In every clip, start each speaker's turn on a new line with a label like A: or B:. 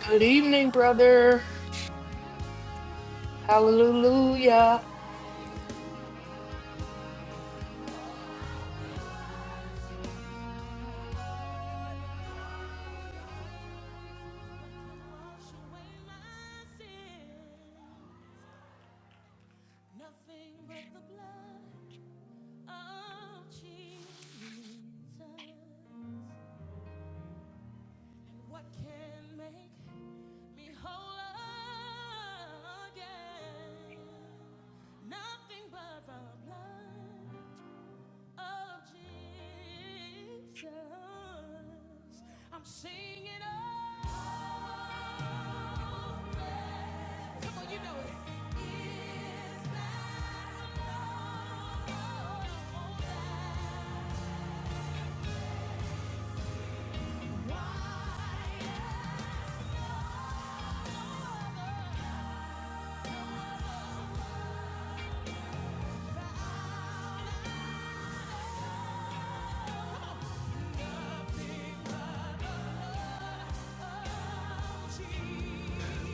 A: Good evening, brother. Hallelujah.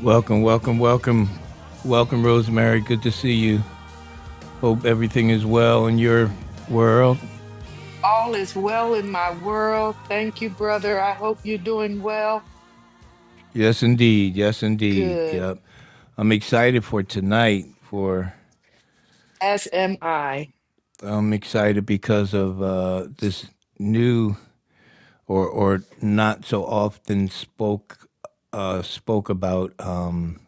B: Welcome, welcome, welcome. Welcome, Rosemary. Good to see you. Hope everything is well in your world.
A: All is well in my world. Thank you, brother. I hope you're doing well.
B: Yes, indeed. Yes, indeed.
A: Good.
B: Yep. I'm excited for tonight. For
A: As am I.
B: I'm excited because of uh, this new or or not so often spoke uh, spoke about um,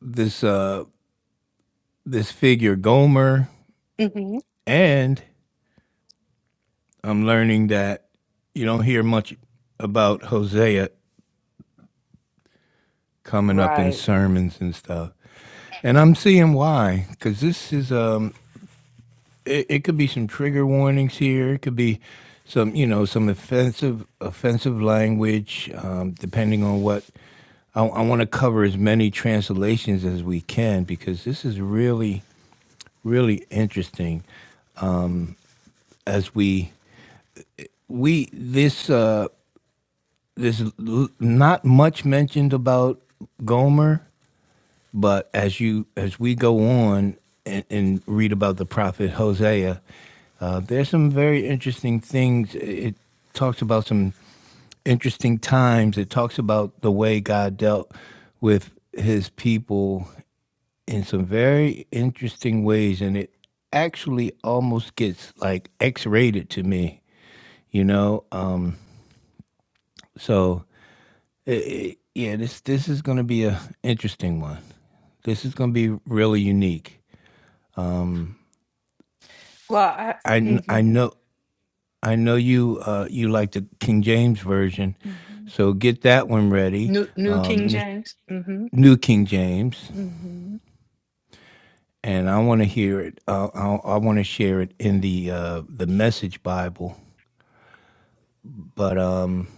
B: this uh, this figure Gomer,
A: hmm
B: and I'm learning that you don't hear much about Hosea coming up in
A: Right.
B: sermons and stuff. And I'm seeing why, because this is um, it, it could be some trigger warnings here. It could be some, you know, some offensive offensive language, um, depending on what. I, I want to cover as many translations as we can because this is really, really interesting. As we we this uh, this l- not much mentioned about Gomer But as you as we go on and, and read about the prophet Hosea, uh, there's some very interesting things. It talks about some interesting times. It talks about the way God dealt with his people in some very interesting ways. And it actually almost gets like X rated to me, you know? Um, so, it, it, yeah, this, this is going to be a interesting one. This is going to be really unique.
A: Well, I,
B: I
A: hmm
B: kn- I know I know you uh, you like the King James version,
A: hmm
B: so get that one ready.
A: New, New King
B: Um, and it's
A: James. hmm
B: New King James,
A: hmm
B: and I want to hear it. Uh, I, I want to share it in the uh, the Message Bible. But um,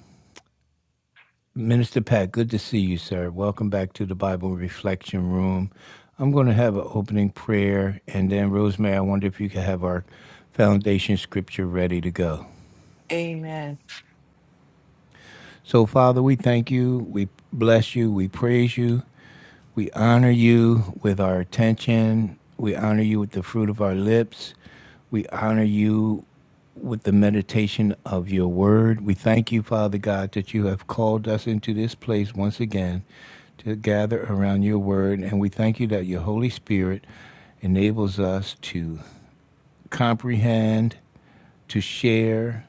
B: Minister Pat, good to see you, sir. Welcome back to the Bible Reflection Room. I'm going to have an opening prayer, and then Rosemary, I wonder if you could have our foundation scripture ready to go.
A: Amen.
B: So, Father, we thank you, we bless you, we praise you. We honor you with our attention. We honor you with the fruit of our lips. We honor you with the meditation of your word. We thank you, Father God, that you have called us into this place once again to gather around your word. And we thank you that your Holy Spirit enables us to comprehend, to share,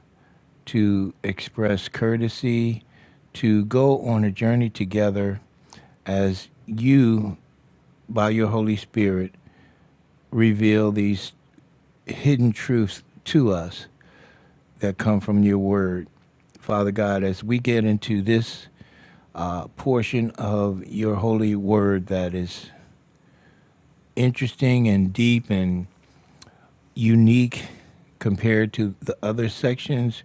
B: to express courtesy, to go on a journey together as you by your Holy Spirit, reveal these hidden truths to us that come from your word. Father God, as we get into this uh, portion of your holy word that is interesting and deep and unique compared to the other sections,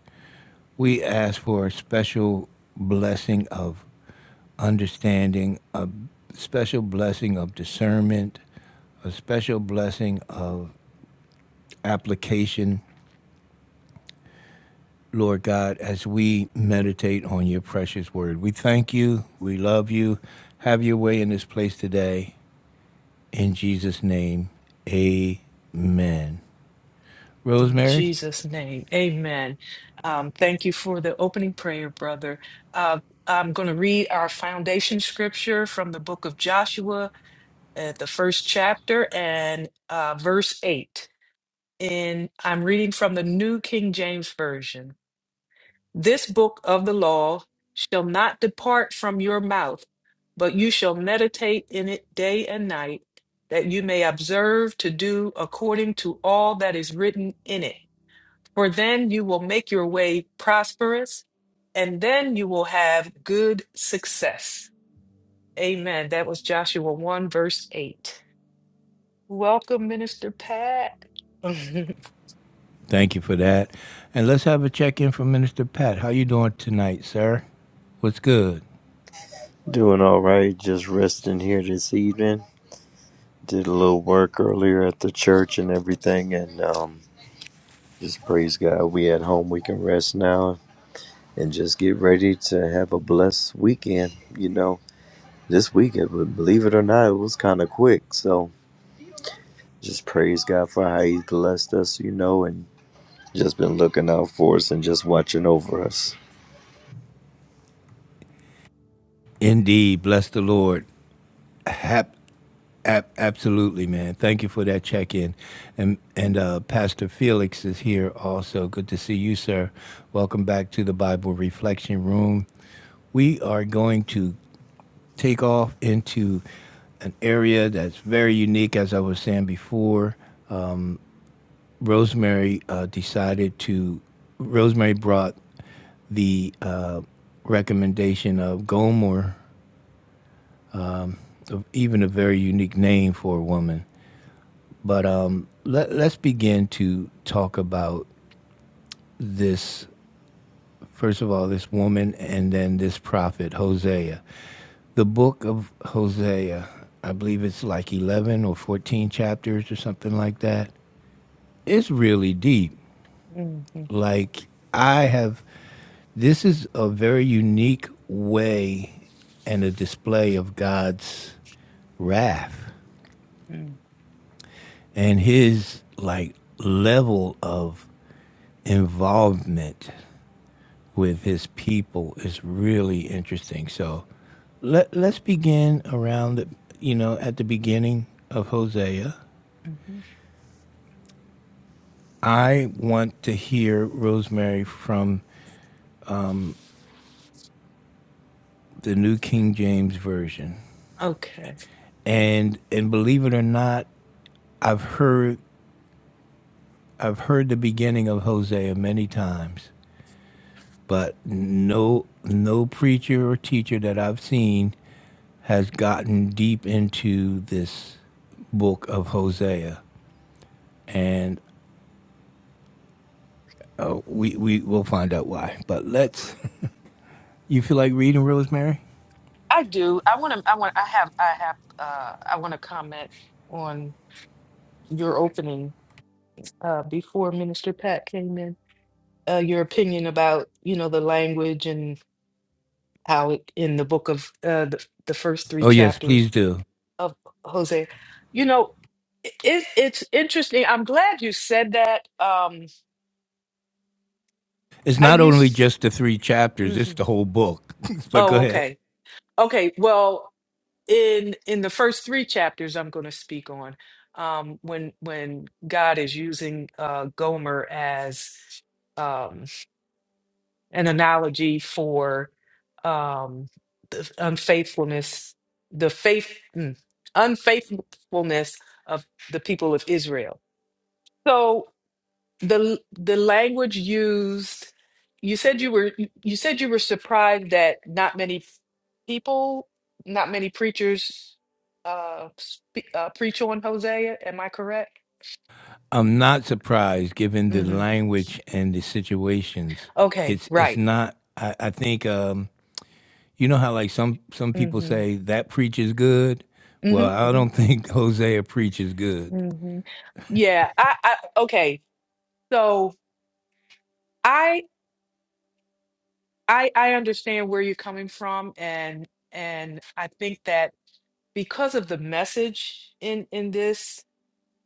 B: we ask for a special blessing of understanding, a special blessing of discernment, a special blessing of application, Lord God, as we meditate on your precious word. We thank you. We love you. Have your way in this place today. In Jesus' name, amen.
A: In
B: Rosemary,
A: Jesus' name. Amen. Um, thank you for the opening prayer, brother. Uh, I'm going to read our foundation scripture from the book of Joshua, at the first chapter and uh, verse 8. And I'm reading from the New King James Version. This book of the law shall not depart from your mouth, but you shall meditate in it day and night, that you may observe to do according to all that is written in it. For then you will make your way prosperous, and then you will have good success. Amen. That was Joshua 1, verse 8. Welcome, Minister Pat.
B: thank you for that. And let's have a check in from Minister Pat. How you doing tonight, sir? What's good?
C: Doing all right, just resting here this evening. Did a little work earlier at the church and everything, and um, just praise God. We at home, we can rest now and just get ready to have a blessed weekend. You know, this weekend, but believe it or not, it was kind of quick. So just praise God for how He blessed us. You know, and just been looking out for us and just watching over us.
B: Indeed, bless the Lord. Hap- Ab- absolutely, man. Thank you for that check in. And, and uh, Pastor Felix is here also. Good to see you, sir. Welcome back to the Bible Reflection Room. We are going to take off into an area that's very unique, as I was saying before. Rosemary uh, decided to, Rosemary brought the uh, recommendation of Gomer, of even a very unique name for a woman. But um, let, let's begin to talk about this. First of all, this woman, and then this prophet Hosea. The book of Hosea, I believe it's like eleven or fourteen chapters or something like that. It's really deep.
A: Mhm, mhm,
B: Like I have, this is a very unique way and a display of God's wrath
A: mhm,
B: and His like level of involvement with his people is really interesting. So let let's begin around the you know at the beginning of Hosea.
A: mhm.
B: I want to hear Rosemary from the New King James version.
A: okay,
B: And and believe it or not, I've heard I've heard the beginning of Hosea many times, but no no preacher or teacher that I've seen has gotten deep into this book of Hosea. And Oh, we we will find out why. But let's. You feel like reading Rosemary?
A: I do. I want to. I want. I have. I have. Uh, I want to comment on your opening uh, before Minister Pat came in. Uh, your opinion about you know the language and how it, in the book of uh, the the first three
B: Oh, yes,
A: chapters
B: please do.
A: of Jose. You know, it, it's it's interesting. I'm glad you said that. Um,
B: It's
A: I
B: not only
A: used.
B: just the three chapters; it's
A: mhm.
B: the whole book. but go
A: Oh,
B: ahead.
A: okay. Okay. Well. in in the first three chapters i'm going to speak on um when when god is using uh gomer as um an analogy for um the unfaithfulness the faith mm, unfaithfulness of the people of israel So the the language used you said you were you said you were surprised that not many people not many preachers uh, spe- uh preach on hosea am i correct
B: I'm not surprised, given the
A: hmm
B: language and the situations.
A: okay
B: It's it's
A: right
B: not. I, I think um, you know how like some some people
A: hmm
B: say that preaches good. Well,
A: hmm
B: I
A: hmm
B: don't think Hosea preaches good.
A: hmm yeah I, I okay so i i i understand where you're coming from and and i think that because of the message in in this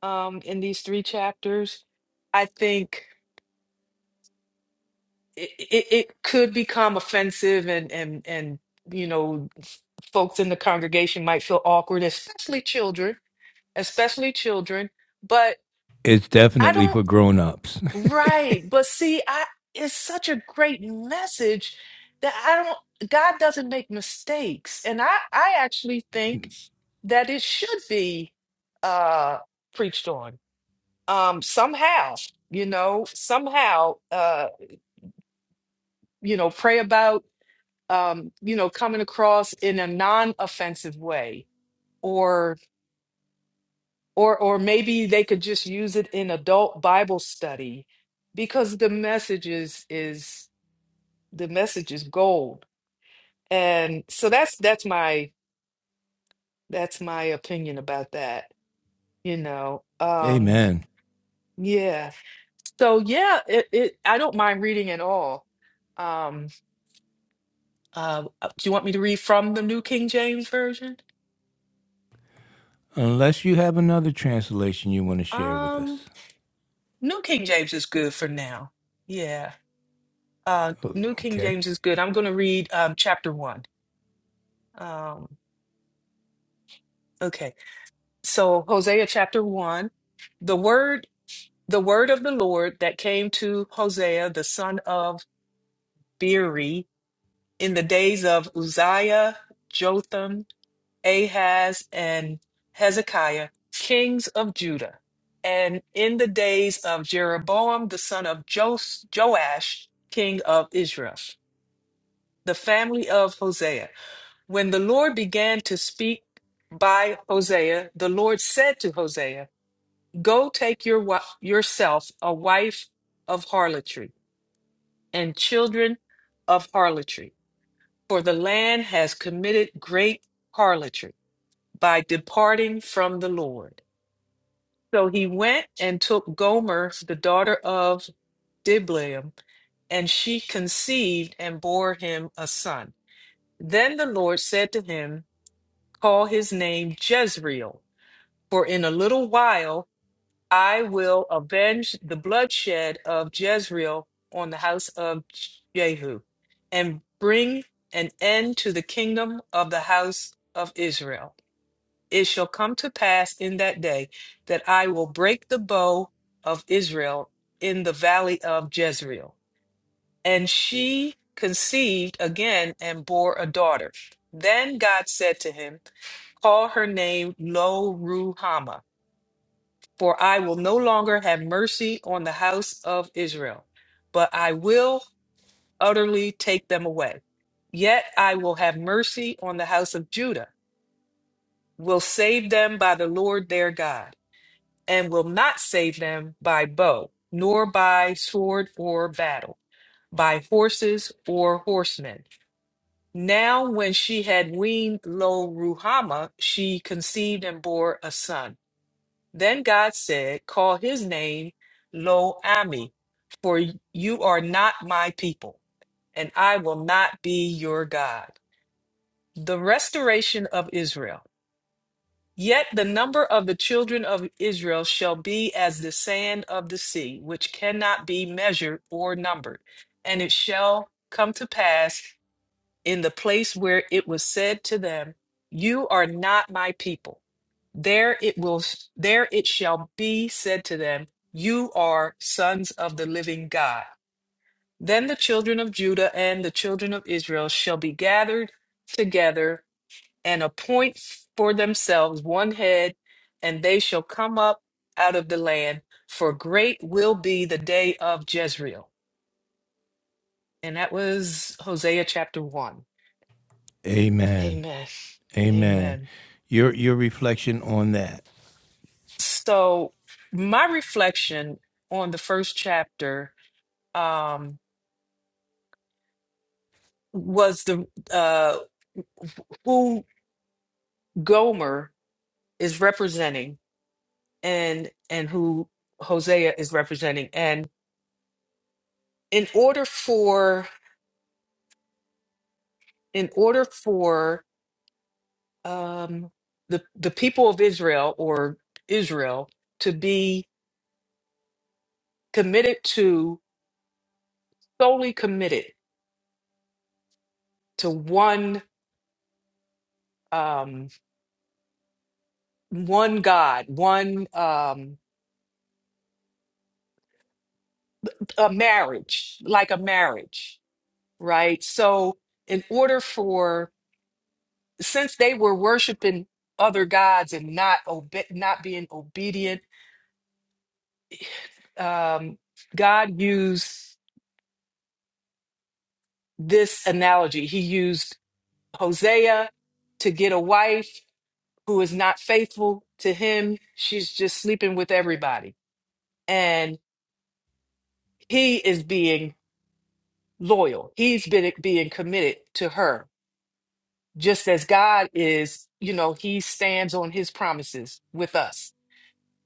A: um, in these three chapters, I think it, it, it could become offensive and, and, and, you know, f- folks in the congregation might feel awkward, especially children, especially children. But
B: It's
A: I
B: definitely
A: don't,
B: for grown ups.
A: right. But see, I, it's such a great message that I don't, God doesn't make mistakes. And I, I actually think that it should be, uh, preached on um somehow you know somehow uh you know pray about um you know coming across in a non-offensive way or or or maybe they could just use it in adult bible study because the message is is the message is gold and so that's that's my that's my opinion about that you know um
B: Amen.
A: yeah so yeah it, it i don't mind reading at all um Uh, do you want me to read from the New King James Version?
B: Unless you have another translation you want to share with
A: Um,
B: us.
A: New King James is good for now. Yeah. Uh, New King
B: Okay.
A: James is good. I'm going to read um, chapter one. Um, okay. So Hosea chapter one, the word, the word of the Lord that came to Hosea the son of Beeri in the days of Uzziah, Jotham, Ahaz and Hezekiah, kings of Judah. And in the days of Jeroboam, the son of Jos- Joash, king of Israel, the family of Hosea. When the Lord began to speak by Hosea, the Lord said to Hosea, Go take your wi- yourself a wife of harlotry and children of harlotry for the land has committed great harlotry by departing from the Lord. So he went and took Gomer, the daughter of Diblaim, and she conceived and bore him a son. Then the Lord said to him, Call his name Jezreel, for in a little while I will avenge the bloodshed of Jezreel on the house of Jehu and bring an end to the kingdom of the house of Israel. It shall come to pass in that day that I will break the bow of Israel in the valley of Jezreel. And she conceived again and bore a daughter. Then God said to him, Call her name Lo for I will no longer have mercy on the house of Israel, but I will utterly take them away. Yet I will have mercy on the house of Judah, will save them by the Lord their God, and will not save them by bow, nor by sword or battle, by horses or horsemen. Now, when she had weaned Lo Ruhamah, she conceived and bore a son. Then God said, Call his name Lo Ami, for you are not my people, and I will not be your God. The restoration of Israel. Yet the number of the children of Israel shall be as the sand of the sea, which cannot be measured or numbered. And it shall come to pass in the place where it was said to them, You are not my people. There it will there it shall be said to them, You are sons of the living God. Then the children of Judah and the children of Israel shall be gathered together and appoint for themselves one head, and they shall come up out of the land, for great will be the day of Jezreel. And that was Hosea chapter 1.
B: Amen.
A: Amen.
B: Amen.
A: Amen.
B: Your your reflection on that.
A: So, my reflection on the first chapter um, was the uh, who Gomer is representing and and who Hosea is representing, and in order for in order for um, the the people of Israel or Israel to be committed to solely committed to one um, one God, one. Um, a marriage, like a marriage, right? So, in order for, since they were worshiping other gods and not obe- not being obedient, um, God used this analogy. He used Hosea to get a wife who is not faithful to him. She's just sleeping with everybody, and he is being loyal. He's been being committed to her just as God is, you know, he stands on his promises with us.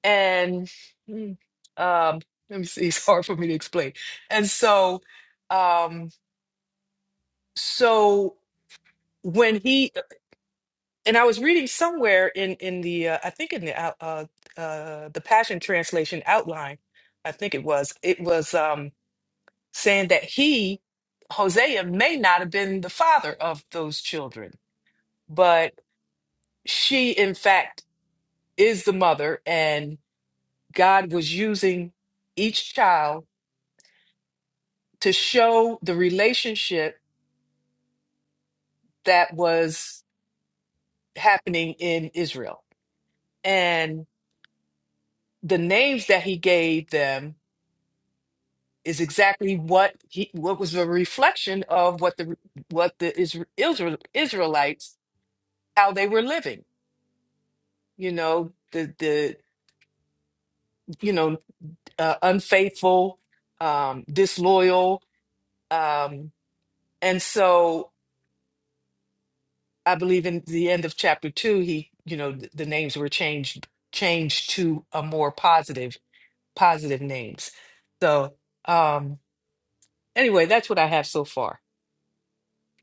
A: And mm, um, let me see, it's hard for me to explain. And so, um, so when he and I was reading somewhere in in the uh, I think in the out- uh, uh, the Passion Translation outline, I think it was it was um, saying that he Hosea may not have been the father of those children, but she in fact is the mother, and God was using each child to show the relationship that was happening in Israel. And the names that he gave them is exactly what he what was a reflection of what the what the Isra- Israel, Israelites how they were living. You know the the you know uh, unfaithful, um, disloyal, um, and so. I believe in the end of chapter two, he, you know, th- the names were changed changed to a more positive positive names. So um anyway, that's what I have so far.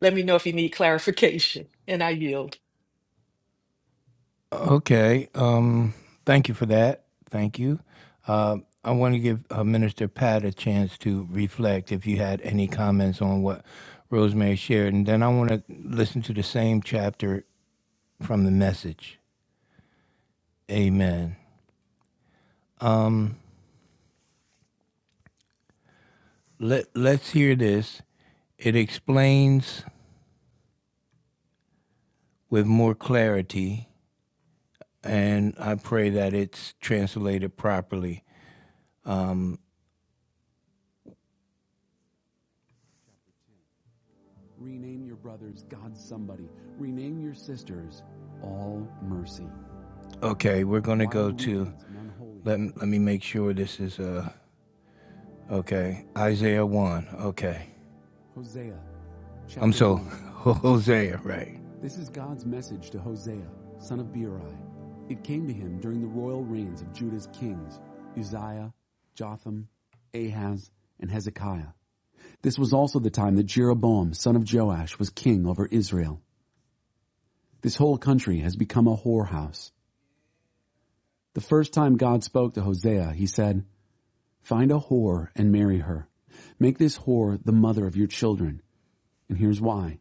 A: Let me know if you need clarification, and I yield.
B: Okay. Um. Thank you for that. Thank you. Uh, I want to give uh, Minister Pat a chance to reflect. If you had any comments on what Rosemary shared, and then I want to listen to the same chapter from the message. Amen. Um. Let Let's hear this. It explains with more clarity, and I pray that it's translated properly Rename your brothers God somebody. Rename your sisters all mercy. Okay, we're going to go to. Let, let me make sure this is. uh Okay, Isaiah 1. Okay. Hosea. I'm so. Hosea, right. This is God's message to Hosea, son of Beeri. It came to him during the royal reigns of Judah's kings, Uzziah, Jotham, Ahaz, and Hezekiah. This was also the time that Jeroboam, son of Joash, was king over Israel. This whole country has become a whorehouse. The first time God spoke to Hosea, he said, Find a whore and marry her. Make this whore the mother of your children. And here's why.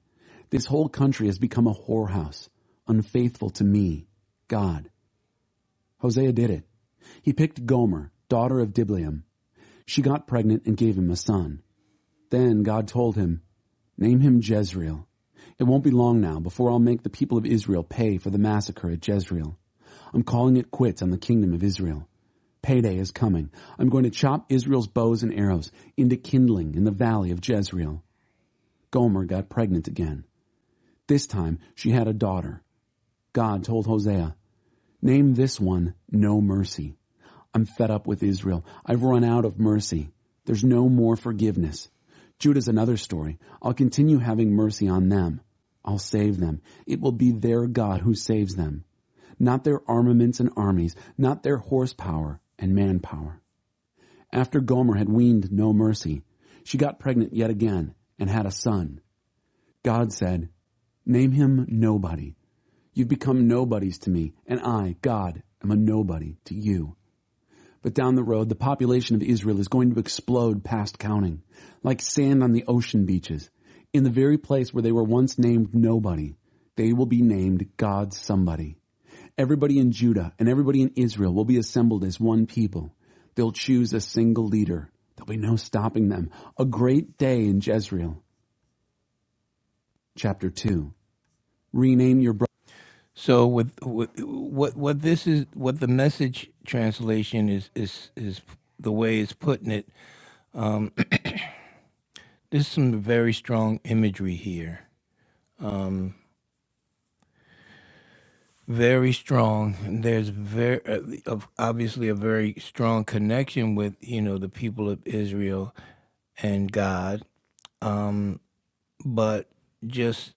B: This whole country has become a whorehouse, unfaithful to me, God. Hosea did it. He picked Gomer, daughter of Diblaim. She got pregnant and gave him a son. Then God told him, Name him Jezreel. It won't be long now before I'll make the people of Israel pay for the massacre at Jezreel. I'm calling it quits on the kingdom of Israel. Payday is coming. I'm going to chop Israel's bows and arrows into kindling in the valley of Jezreel. Gomer got pregnant again. This time she had a daughter. God told Hosea, Name this one No Mercy. I'm fed up with Israel. I've run out of mercy. There's no more forgiveness. Judah's another story. I'll continue having mercy on them. I'll save them. It will be their God who saves them, not their armaments and armies, not their horsepower and manpower. After Gomer had weaned No Mercy, she got pregnant yet again and had a son. God said, Name him Nobody. You've become nobodies to me, and I, God, am a nobody to you. But down the road, the population of Israel is going to explode past counting, like sand on the ocean beaches. In the very place where they were once named Nobody, they will be named God's Somebody. Everybody in Judah and everybody in Israel will be assembled as one people. They'll choose a single leader. There'll be no stopping them. A great day in Jezreel. Chapter 2. Rename your brother. So with, with what what this is what the message translation is is is the way it's putting it. There's some very strong imagery here. Very strong. And There's very uh, obviously a very strong connection with you know the people of Israel and God. but just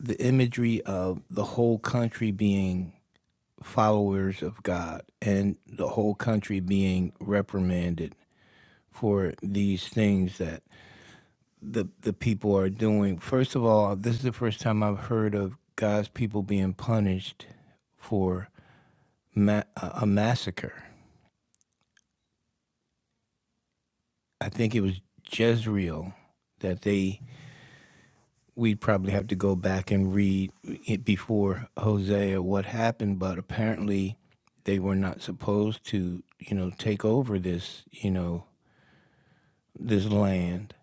B: the imagery of the whole country being followers of God and the whole country being reprimanded for these things that the the people are doing. First of all, this is the first time I've heard of God's people being punished for ma- a a massacre. I think it was Jezreel that they we'd probably have to go back and read it before Hosea what happened, but apparently they were not supposed to, you know, take over this, you know, this land.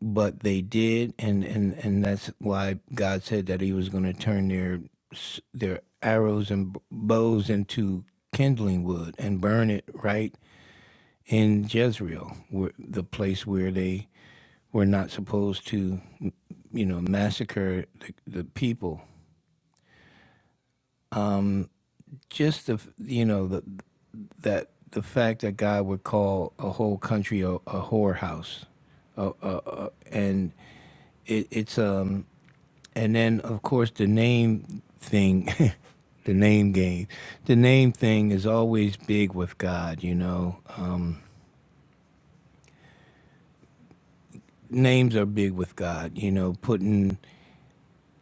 B: But they did, and and and that's why God said that He was going to turn their their arrows and bows into kindling wood and burn it right in Jezreel, where, the place where they were not supposed to, you know, massacre the, the people. just the you know the that the fact that God would call a whole country a, a whorehouse, uh, uh, uh, and it, it's um and then of course the name thing, the name game, the name thing is always big with God. You know, um, names are big with God. You know, putting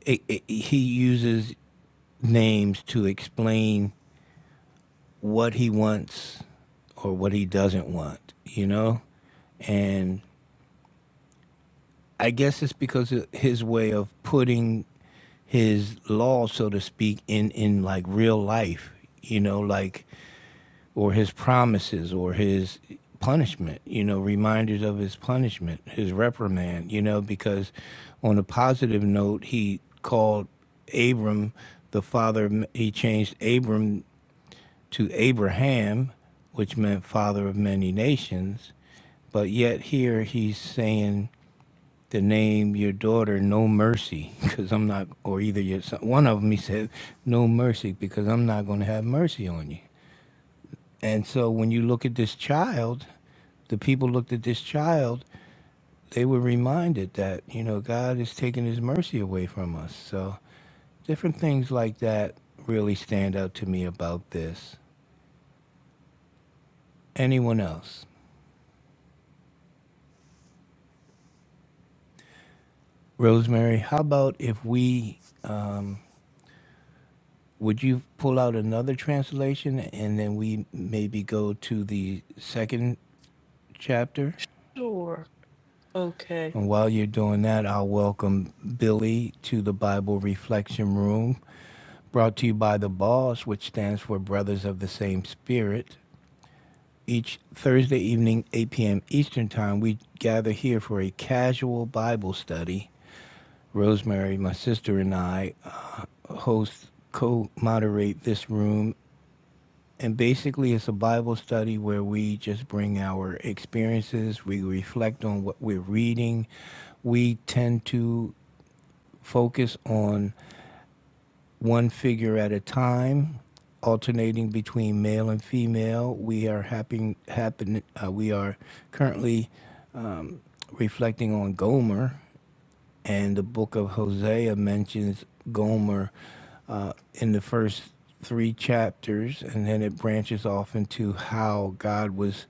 B: it, it, He uses names to explain what he wants or what he doesn't want, you know? And I guess it's because of his way of putting his law, so to speak, in, in like real life, you know, like, or his promises or his punishment, you know, reminders of his punishment, his reprimand, you know, because on a positive note, he called Abram the father, he changed Abram to Abraham, which meant father of many nations, but yet here he's saying to name your daughter no mercy because I'm not, or either your son. One of them he said no mercy because I'm not going to have mercy on you. And so when you look at this child, the people looked at this child, they were reminded that, you know, God is taking his mercy away from us. So different things like that really stand out to me about this. Anyone else? Rosemary, how about if we would you pull out another translation and then we maybe go to the second chapter?
A: Sure. Okay.
B: And while you're doing that, I'll welcome Billy to the Bible Reflection Room, brought to you by the BOSS, which stands for Brothers of the Same Spirit. Each Thursday evening, 8 p.m. Eastern Time, we gather here for a casual Bible study. Rosemary, my sister, and I uh, host, co moderate this room And basically, it's a Bible study where we just bring our experiences, we reflect on what we're reading. We tend to focus on one figure at a time, alternating between male and female. We are happen, happen, uh, we are currently reflecting on Gomer, and the book of Hosea mentions Gomer uh, in the first three chapters, and then it branches off into how God was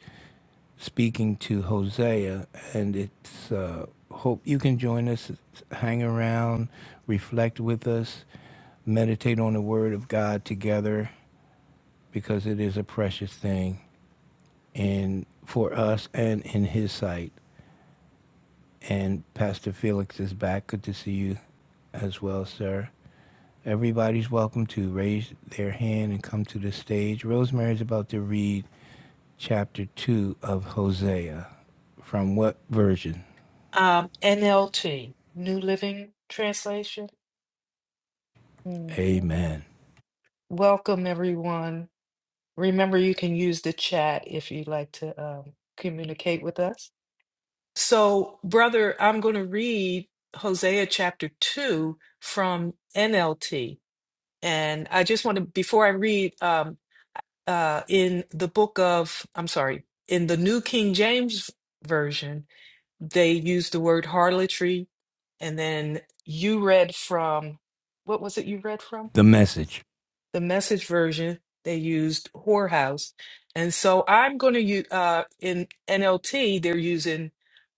B: speaking to Hosea, and it's uh, hope you can join us, hang around, reflect with us, meditate on the Word of God together, because it is a precious thing, and for us and in His sight. And Pastor Felix is back. Good to see you as well, sir. Everybody's welcome to raise their hand and come to the stage. Rosemary's about to read chapter two of Hosea. From what version?
A: Um, NLT, New Living Translation. hmm
B: Amen.
A: Welcome, everyone. Remember, you can use the chat if you'd like to um, communicate with us. So, brother, I'm going to read Hosea chapter 2 from NLT. And I just want to, before I read, um, uh, in the book of, I'm sorry, in the New King James Version, they use the word harlotry. And then you read from, what was it you read from?
B: the message,
A: The message version, they used whorehouse. And so I'm going to use, uh, in NLT, they're using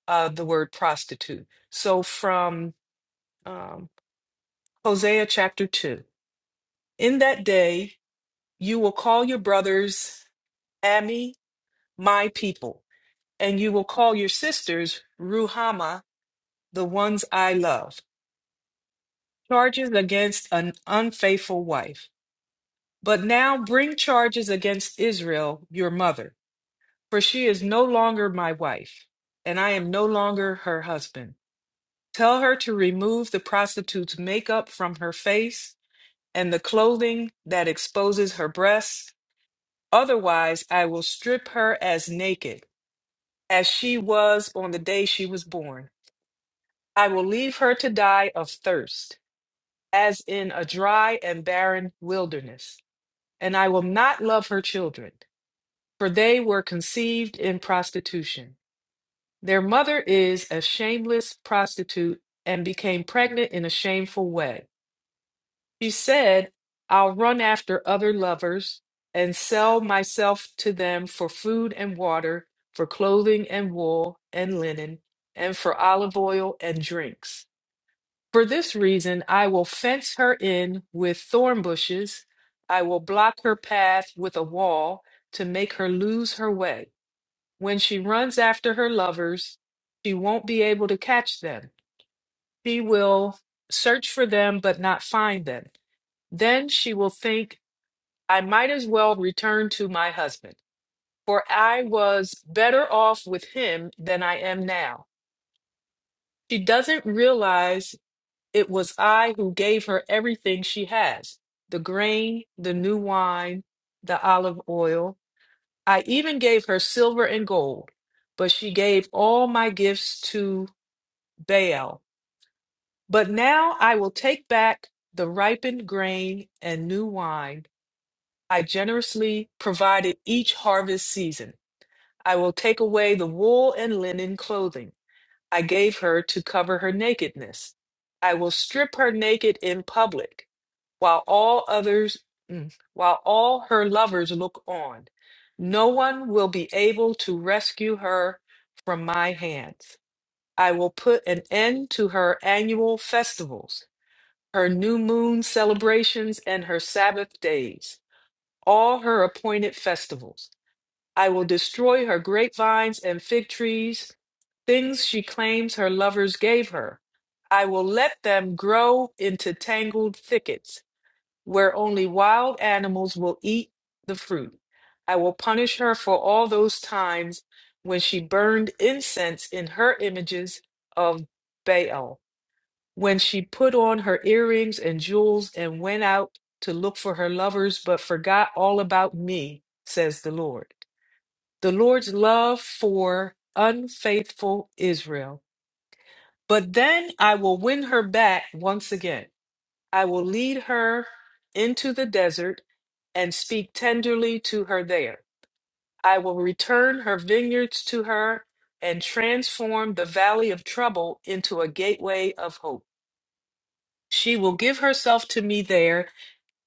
A: uh, the word prostitute. So from um, Hosea chapter 2 In that day, you will call your brothers Ami, my people, and you will call your sisters Ruhama, the ones I love. Charges against an unfaithful wife. But now bring charges against Israel, your mother, for she is no longer my wife, and I am no longer her husband. Tell her to remove the prostitute's makeup from her face and the clothing that exposes her breasts. Otherwise, I will strip her as naked, as she was on the day she was born. I will leave her to die of thirst, as in a dry and barren wilderness. And I will not love her children, for they were conceived in prostitution. Their mother is a shameless prostitute and became pregnant in a shameful way. She said, I'll run after other lovers and sell myself to them for food and water, for clothing and wool and linen, and for olive oil and drinks. For this reason, I will fence her in with thorn bushes. I will block her path with a wall to make her lose her way. When she runs after her lovers, she won't be able to catch them. She will search for them but not find them. Then she will think, I might as well return to my husband, for I was better off with him than I am now. She doesn't realize it was I who gave her everything she has the grain, the new wine, the olive oil. I even gave her silver and gold, but she gave all my gifts to Baal. But now I will take back the ripened grain and new wine I generously provided each harvest season. I will take away the wool and linen clothing I gave her to cover her nakedness. I will strip her naked in public, while all others, mm, while all her lovers look on. No one will be able to rescue her from my hands. I will put an end to her annual festivals, her new moon celebrations, and her Sabbath days, all her appointed festivals. I will destroy her grapevines and fig trees, things she claims her lovers gave her. I will let them grow into tangled thickets where only wild animals will eat the fruit. I will punish her for all those times when she burned incense in her images of Baal, when she put on her earrings and jewels and went out to look for her lovers but forgot all about me, says the Lord the Lord's love for unfaithful Israel. But then I will win her back once again. I will lead her into the desert and speak tenderly to her there. I will return her vineyards to her and transform the valley of trouble into a gateway of hope. She will give herself to me there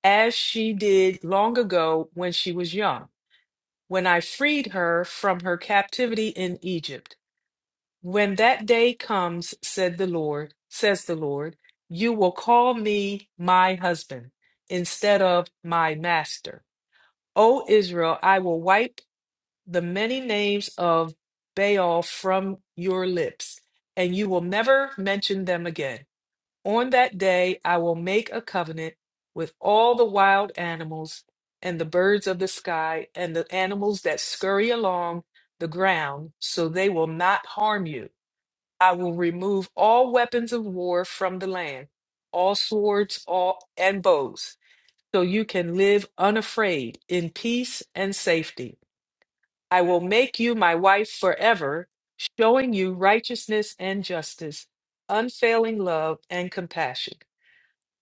A: as she did long ago when she was young, when I freed her from her captivity in Egypt. When that day comes, said the Lord, says the Lord, you will call me my husband instead of my master. O Israel, I will wipe the many names of Baal from your lips, and you will never mention them again. On that day, I will make a covenant with all the wild animals and the birds of the sky and the animals that scurry along the ground, so they will not harm you I will remove all weapons of war from the land, all swords, all and bows, so you can live unafraid in peace and safety. I will make you my wife forever, showing you righteousness and justice, unfailing love and compassion.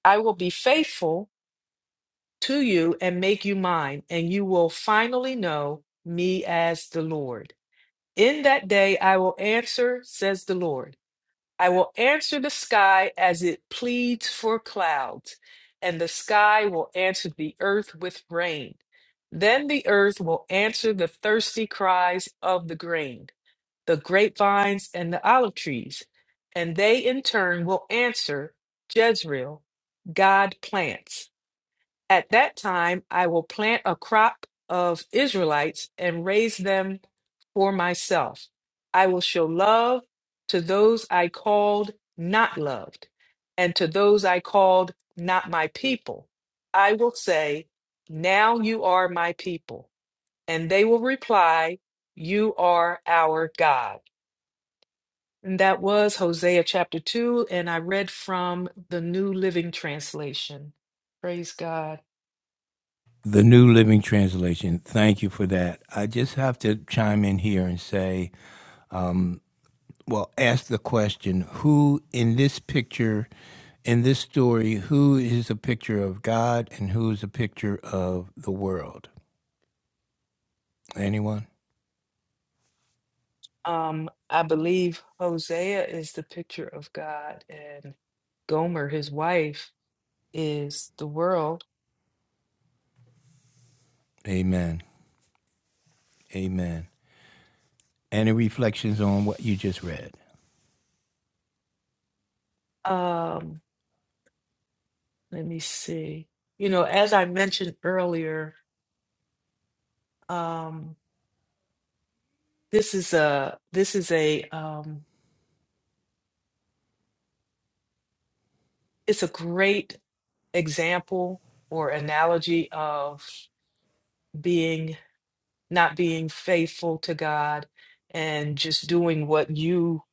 A: I will be faithful to you and make you mine, and you will finally know me as the Lord. In that day I will answer, says the Lord. I will answer the sky as it pleads for clouds, and the sky will answer the earth with rain. Then the earth will answer the thirsty cries of the grain, the grapevines, and the olive trees, and they in turn will answer Jezreel, God plants. At that time, I will plant a crop of Israelites and raise them for myself. I will show love to those I called not loved, and to those I called not my people. I will say, Now you are my people. And they will reply, You are our God. And that was Hosea chapter 2, and I read from the New Living Translation. Praise God.
B: the New Living Translation. Thank you for that. I just have to chime in here and say, um, well, ask the question who in this picture, in this story, who is a picture of God and who is a picture of the world? Anyone?
A: Um, I believe Hosea is the picture of God and Gomer, his wife, is the world.
B: Amen. Amen. Any reflections on what you just read?
A: Um, let me see. You know, as I mentioned earlier, um, this is a this is a um, it's a great example or analogy of being not being faithful to God and just doing what you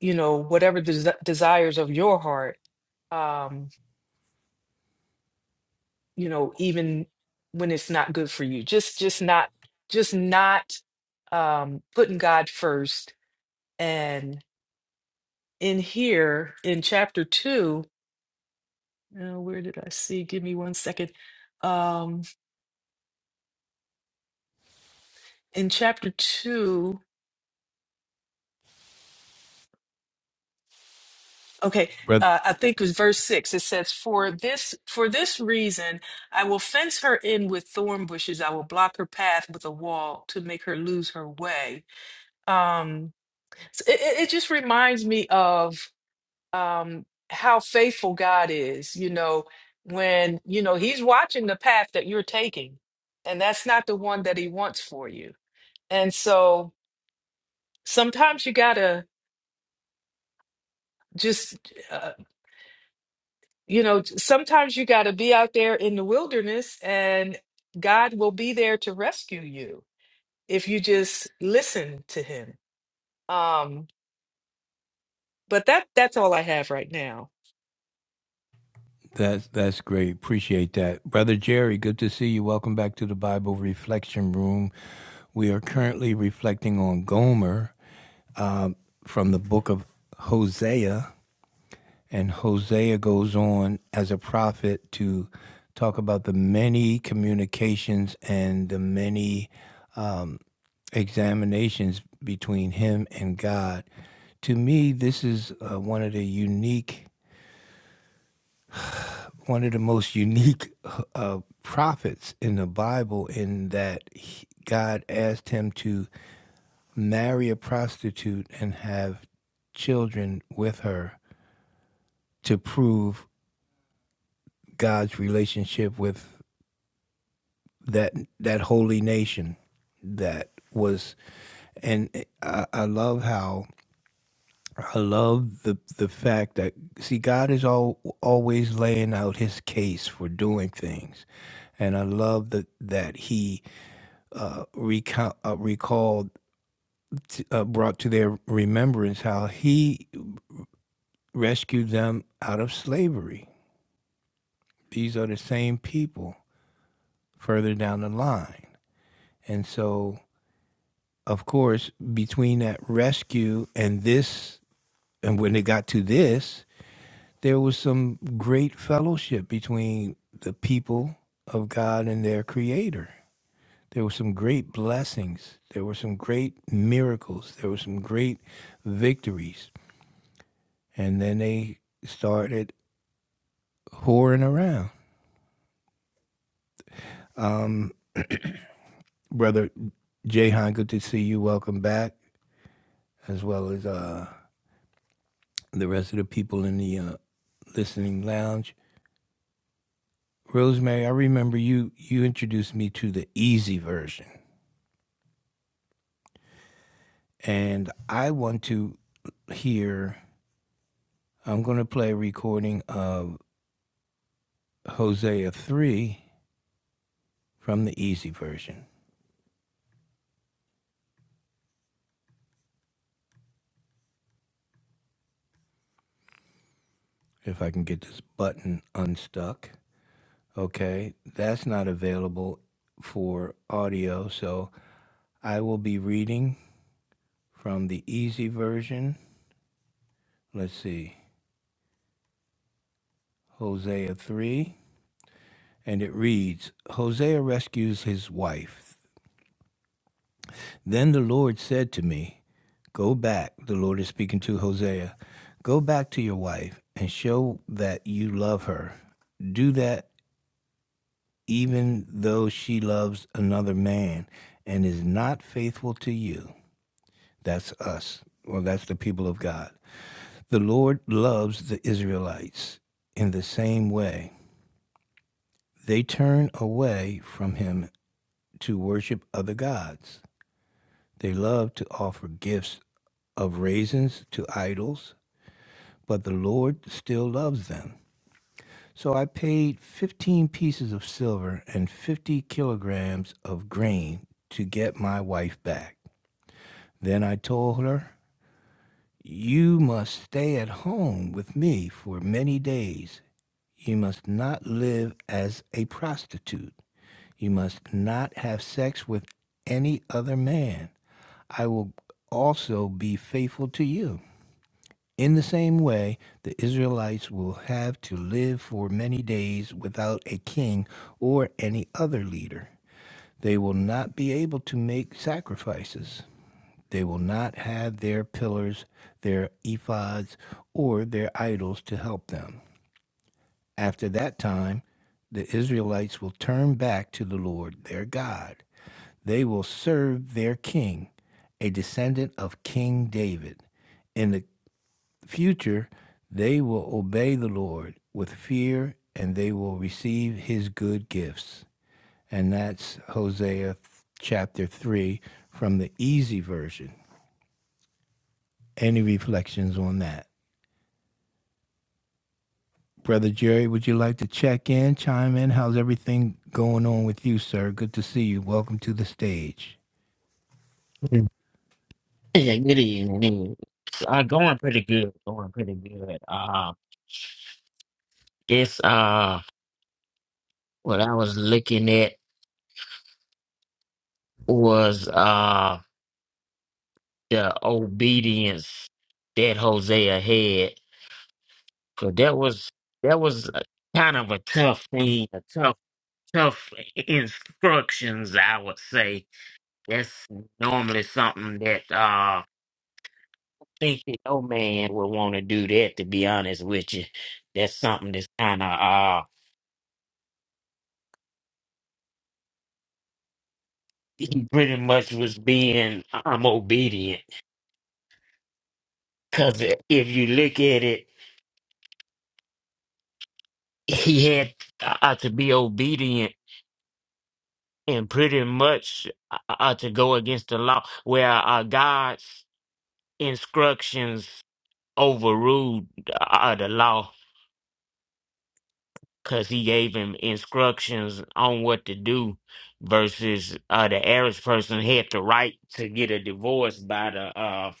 A: you know whatever des desires of your heart. Um, you know even when it's not good for you just just not just not um putting god first and in here in chapter two uh, where did i see give me one second um in chapter two okay
B: brother?
A: uh, i think it was verse six it says for this for this reason i will fence her in with thorn bushes i will block her path with a wall to make her lose her way um so it, it it just reminds me of um how faithful God is, you know, when, you know, he's watching the path that you're taking, and that's not the one that he wants for you. And so sometimes you got to just uh, you know, sometimes you got to be out there in the wilderness and God will be there to rescue you if you just listen to him. Um but that that's all I have right now.
B: That's that's great. Appreciate that. Brother Jerry, good to see you. Welcome back to the Bible Reflection Room. We are currently reflecting on Gomer from the book of Hosea, and Hosea goes on as a prophet to talk about the many communications and the many um, examinations between him and God. To me, this is uh, one of the unique one of the most unique uh, prophets in the Bible in that he, God asked him to marry a prostitute and have children with her to prove God's relationship with that that holy nation that was and I, I love how I love the the fact that see God is all, always laying out His case for doing things, and I love that that He uh, recall, uh, recalled, uh, brought to their remembrance how he rescued them out of slavery. These are the same people further down the line. And so, of course, between that rescue and this, and when it got to this, there was some great fellowship between the people of God and their creator. There were some great blessings. There were some great miracles. There were some great victories and then they started whoring around. Um, brother Jahan, good to see you. Welcome back, as well as uh, the rest of the people in the uh, listening lounge. Rosemary, I remember you you introduced me to the easy version, and I want to hear. I'm going to play a recording of Hosea three from the easy version. If I can get this button unstuck. Okay, that's not available for audio, so I will be reading from the easy version. Let's see, Hosea 3, and it reads Hosea rescues his wife. Then the Lord said to me, Go back, the Lord is speaking to Hosea, go back to your wife and show that you love her. Do that even though she loves another man and is not faithful to you. That's us. Well, that's the people of God. The Lord loves the Israelites in the same way. They turn away from him to worship other gods. They love to offer gifts of raisins to idols, but the Lord still loves them. So I paid 15 pieces of silver and 50 kilograms of grain to get my wife back. Then I told her You must stay at home with me for many days. You must not live as a prostitute. You must not have sex with any other man. I will also be faithful to you. In the same way, the Israelites will have to live for many days without a king or any other leader. They will not be able to make sacrifices. They will not have their pillars, their ephods, or their idols to help them. After that time, the Israelites will turn back to the Lord their God. They will serve their king, a descendant of King David. In the future, they will obey the Lord with fear and they will receive his good gifts. And that's Hosea chapter 3 from the easy version. Any reflections on that? Brother Jerry, would you like to check in, chime in? How's everything going on with you, sir? Good to see you. Welcome to the stage.
D: Yeah, good evening. Uh, going pretty good. Going pretty good. Uh, guess uh, what I was looking at was uh the obedience that Hosea had. So that was that was a- kind of a tough thing, a tough tough instructions. I would say that's normally something that uh think that no man would want to do that. To be honest with you, that's something that's kind of he pretty much was being I'm obedient because if you look at it, he had uh, to be obedient and pretty much uh, to go against the law, where uh, God's instructions overruled uh, uh, the law because he gave him instructions on what to do versus uh, the average person had the right to get a divorce by the uh,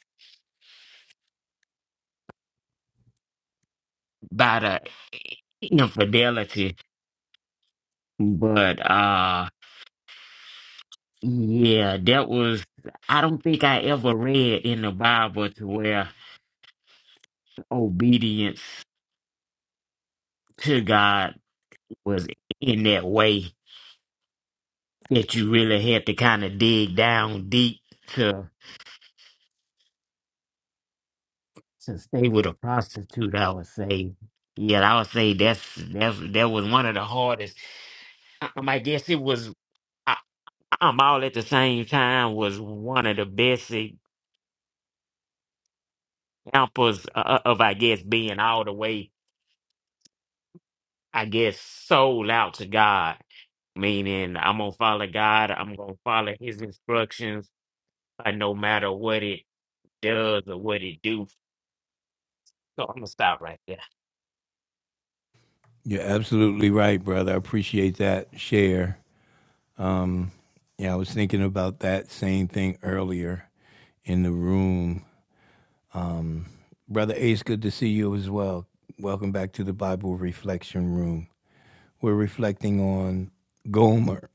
D: by the infidelity but uh Yeah, that was, I don't think I ever read in the Bible to where obedience to God was in that way that you really had to kind of dig down deep to to stay with a prostitute, I would say. Yeah, I would say that's that's that was one of the hardest. I, um, I guess it was I, um all at the same time was one of the best examples uh, of I guess being all the way I get sold out to God, meaning I'm gonna follow God. I'm gonna follow His instructions, uh, no matter what it does or what it do. So I'm gonna stop right there.
B: You're absolutely right, brother. I appreciate that share. Um, yeah, I was thinking about that same thing earlier in the room. Brother Ace, good to see you as well. Welcome back to the Bible Reflection Room. We're reflecting on Gomer,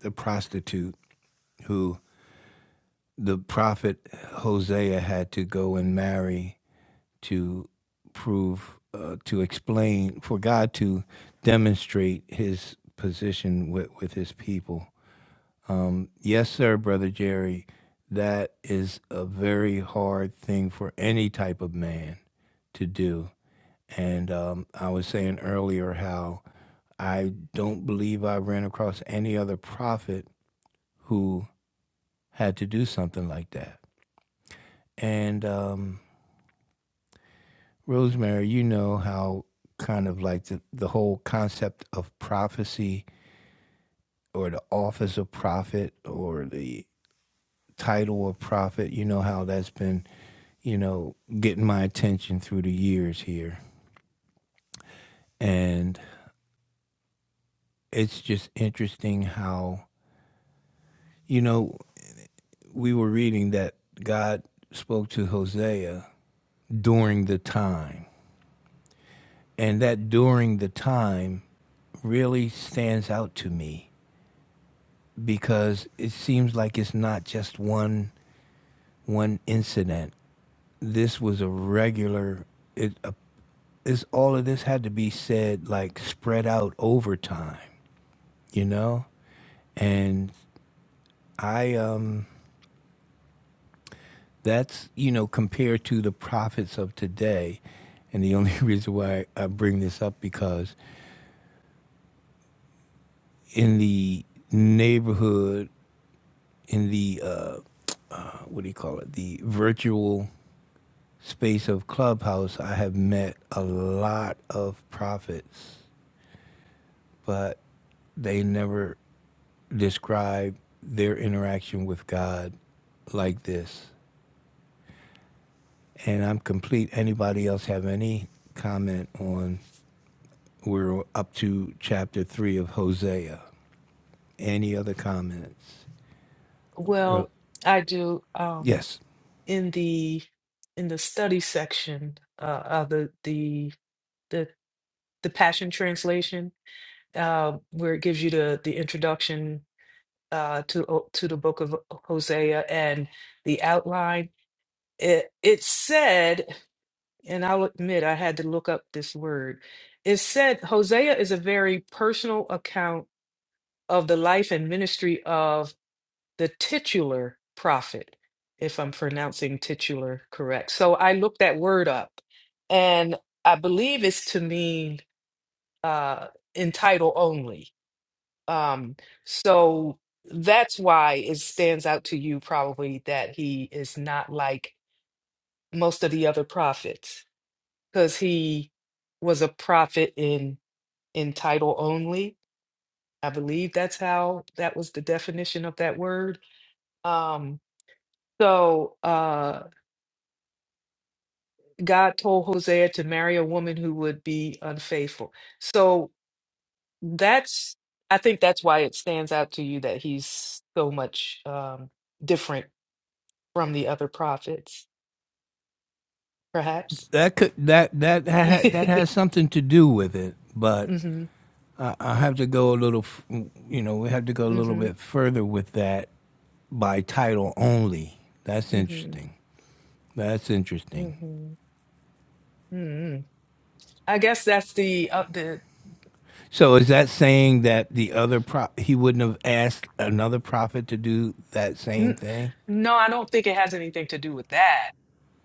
B: the prostitute who the prophet Hosea had to go and marry to prove uh, to explain for God to demonstrate His position with with His people. Um, yes, sir, brother Jerry. That is a very hard thing for any type of man to do. And um, I was saying earlier how I don't believe I ran across any other prophet who had to do something like that. And um, Rosemary, you know how kind of like the, the whole concept of prophecy or the office of prophet or the title of prophet, you know how that's been, you know, getting my attention through the years here. And it's just interesting how, you know, we were reading that God spoke to Hosea during the time. And that during the time really stands out to me because it seems like it's not just one one incident. This was a regular. It uh, it's all of this had to be said like spread out over time, you know. And I um that's you know compared to the prophets of today, and the only reason why I bring this up because in the neighborhood in the uh, uh, what do you call it the virtual space of Clubhouse, I have met a lot of prophets, but they never describe their interaction with God like this. And I'm complete. Anybody else have any comment on? We're up to chapter three of Hosea. Any other comments?
A: Well, I do. Um.
B: Yes,
A: in the in the study section uh, of the the the the Passion Translation, uh, where it gives you the the introduction uh, to O- to the Book of Hosea and the outline. It it said, and I'll admit I had to look up this word. It said Hosea is a very personal account of the life and ministry of the titular prophet, if I'm pronouncing titular correct. So I looked that word up, and I believe it's to mean uh, in title only. Um, so that's why it stands out to you probably that he is not like most of the other prophets, because he was a prophet in in title only. I believe that's how that was the definition of that word. Um, so. Uh, God told Hosea to marry a woman who would be unfaithful. So that's, I think that's why it stands out to you that he's so much um, different from the other prophets, perhaps.
B: that could that that ha, that has something to do with it, but
A: hmm
B: I, I have to go a little. You know, we have to go a little
A: hmm
B: bit further with that by title only. That's
A: hmm
B: interesting. That's interesting.
A: hmm hmm I guess that's the uh, the.
B: So is that saying that the other pro he wouldn't have asked another prophet to do that same
A: N-
B: thing?
A: no, I don't think it has anything to do with that.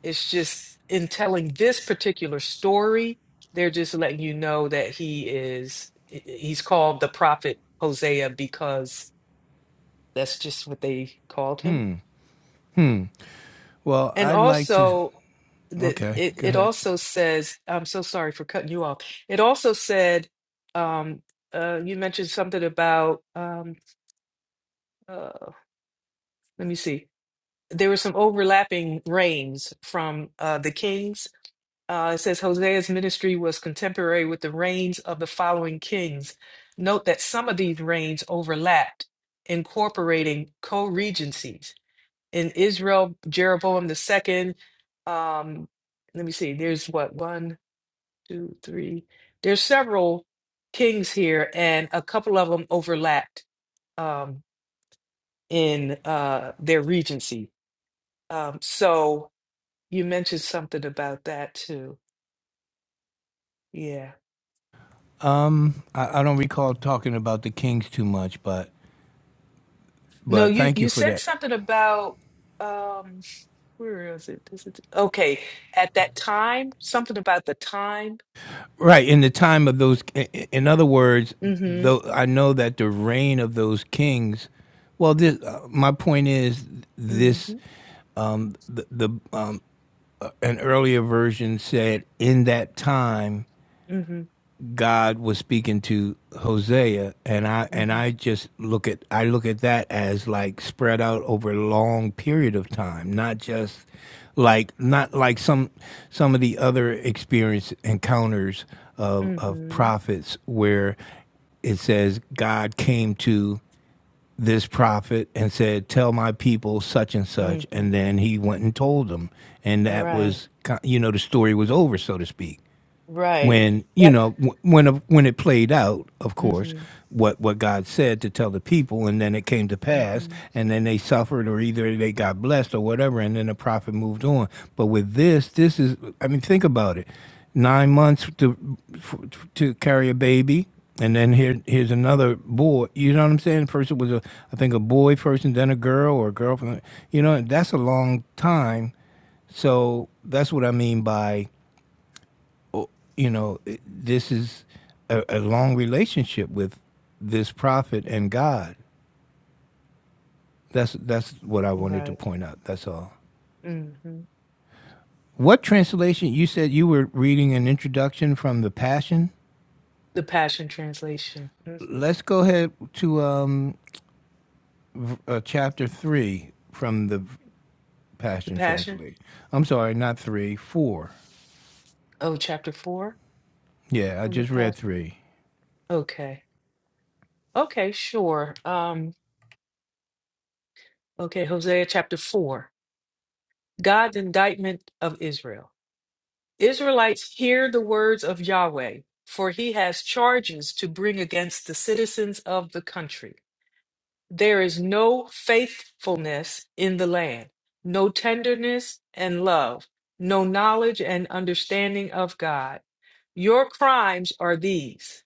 A: It's just in telling this particular story, they're just letting you know that he is, he- he's called the prophet Hosea because that's just what they called him.
B: Hmm. Hmm. Well,
A: And
B: I'd like to.
A: also, that
B: Okay,
A: it,
B: go
A: it
B: ahead.
A: also says, I'm so sorry for cutting you off. It also said, um, uh, you mentioned something about, um, uh, let me see, there were some overlapping reigns from uh, the kings Uh, it says Hosea's ministry was contemporary with the reigns of the following kings. Note that some of these reigns overlapped, incorporating co regencies. In Israel, Jeroboam II, um, let me see, there's what, one, two, three, there's several kings here, and a couple of them overlapped um, in uh, their regency. Um, so you mentioned something about that too. Yeah.
B: Um, I, I don't recall talking about the Kings too much, but
A: No,
B: but
A: you
B: thank you
A: you
B: for
A: said
B: that
A: something about um where is it? Is it okay, at that time, something about the time.
B: Right in the time of those, in other words,
A: Mm-hmm.
B: though I know that the reign of those kings. Well, this uh, my point is this:
A: Mm-hmm.
B: um, the, the um, an earlier version said in that time
A: Mm-hmm.
B: God was speaking to Hosea and I and
A: Mm-hmm.
B: I just look at I look at that as like spread out over a long period of time, not just like not like some some of the other experience encounters of of
A: Mm-hmm.
B: prophets where it says God came to this prophet and said, "Tell my people such and such,"
A: Mm-hmm.
B: and then he went and told them, and that
A: Right.
B: was ki- you know the story was over, so to speak
A: Right.
B: when you
A: That
B: know wh- when of- when it played out of course
A: mm-hmm.
B: what what God said to tell the people and then it came to pass
A: Mm-hmm.
B: and then they suffered or either they got blessed or whatever and then the prophet moved on but with this this is I mean think about it 9 months to f- to carry a baby and then here here's another boy you know what I'm saying first it was a I think a boy first and then a girl or a girlfriend you know that's a long time so that's what I mean by you know, this is a, a long relationship with this prophet and God. That's that's what I wanted to
A: Right.
B: point out. That's all.
A: Mm-hmm.
B: What translation? You said you were reading an introduction from the Passion.
A: The Passion Translation. Mm-hmm.
B: Let's go ahead to um, uh, chapter three from the
A: The
B: Passion
A: Passion?
B: translation. I'm sorry, not three, four.
A: Oh, chapter four
B: Yeah, I
A: from the
B: just read
A: Passion.
B: three.
A: Okay. Okay, sure. Um, okay, Hosea chapter four. God's indictment of Israel. Israelites, hear the words of Yahweh, for he has charges to bring against the citizens of the country. There is no faithfulness in the land, no tenderness and love, no knowledge and understanding of God. Your crimes are these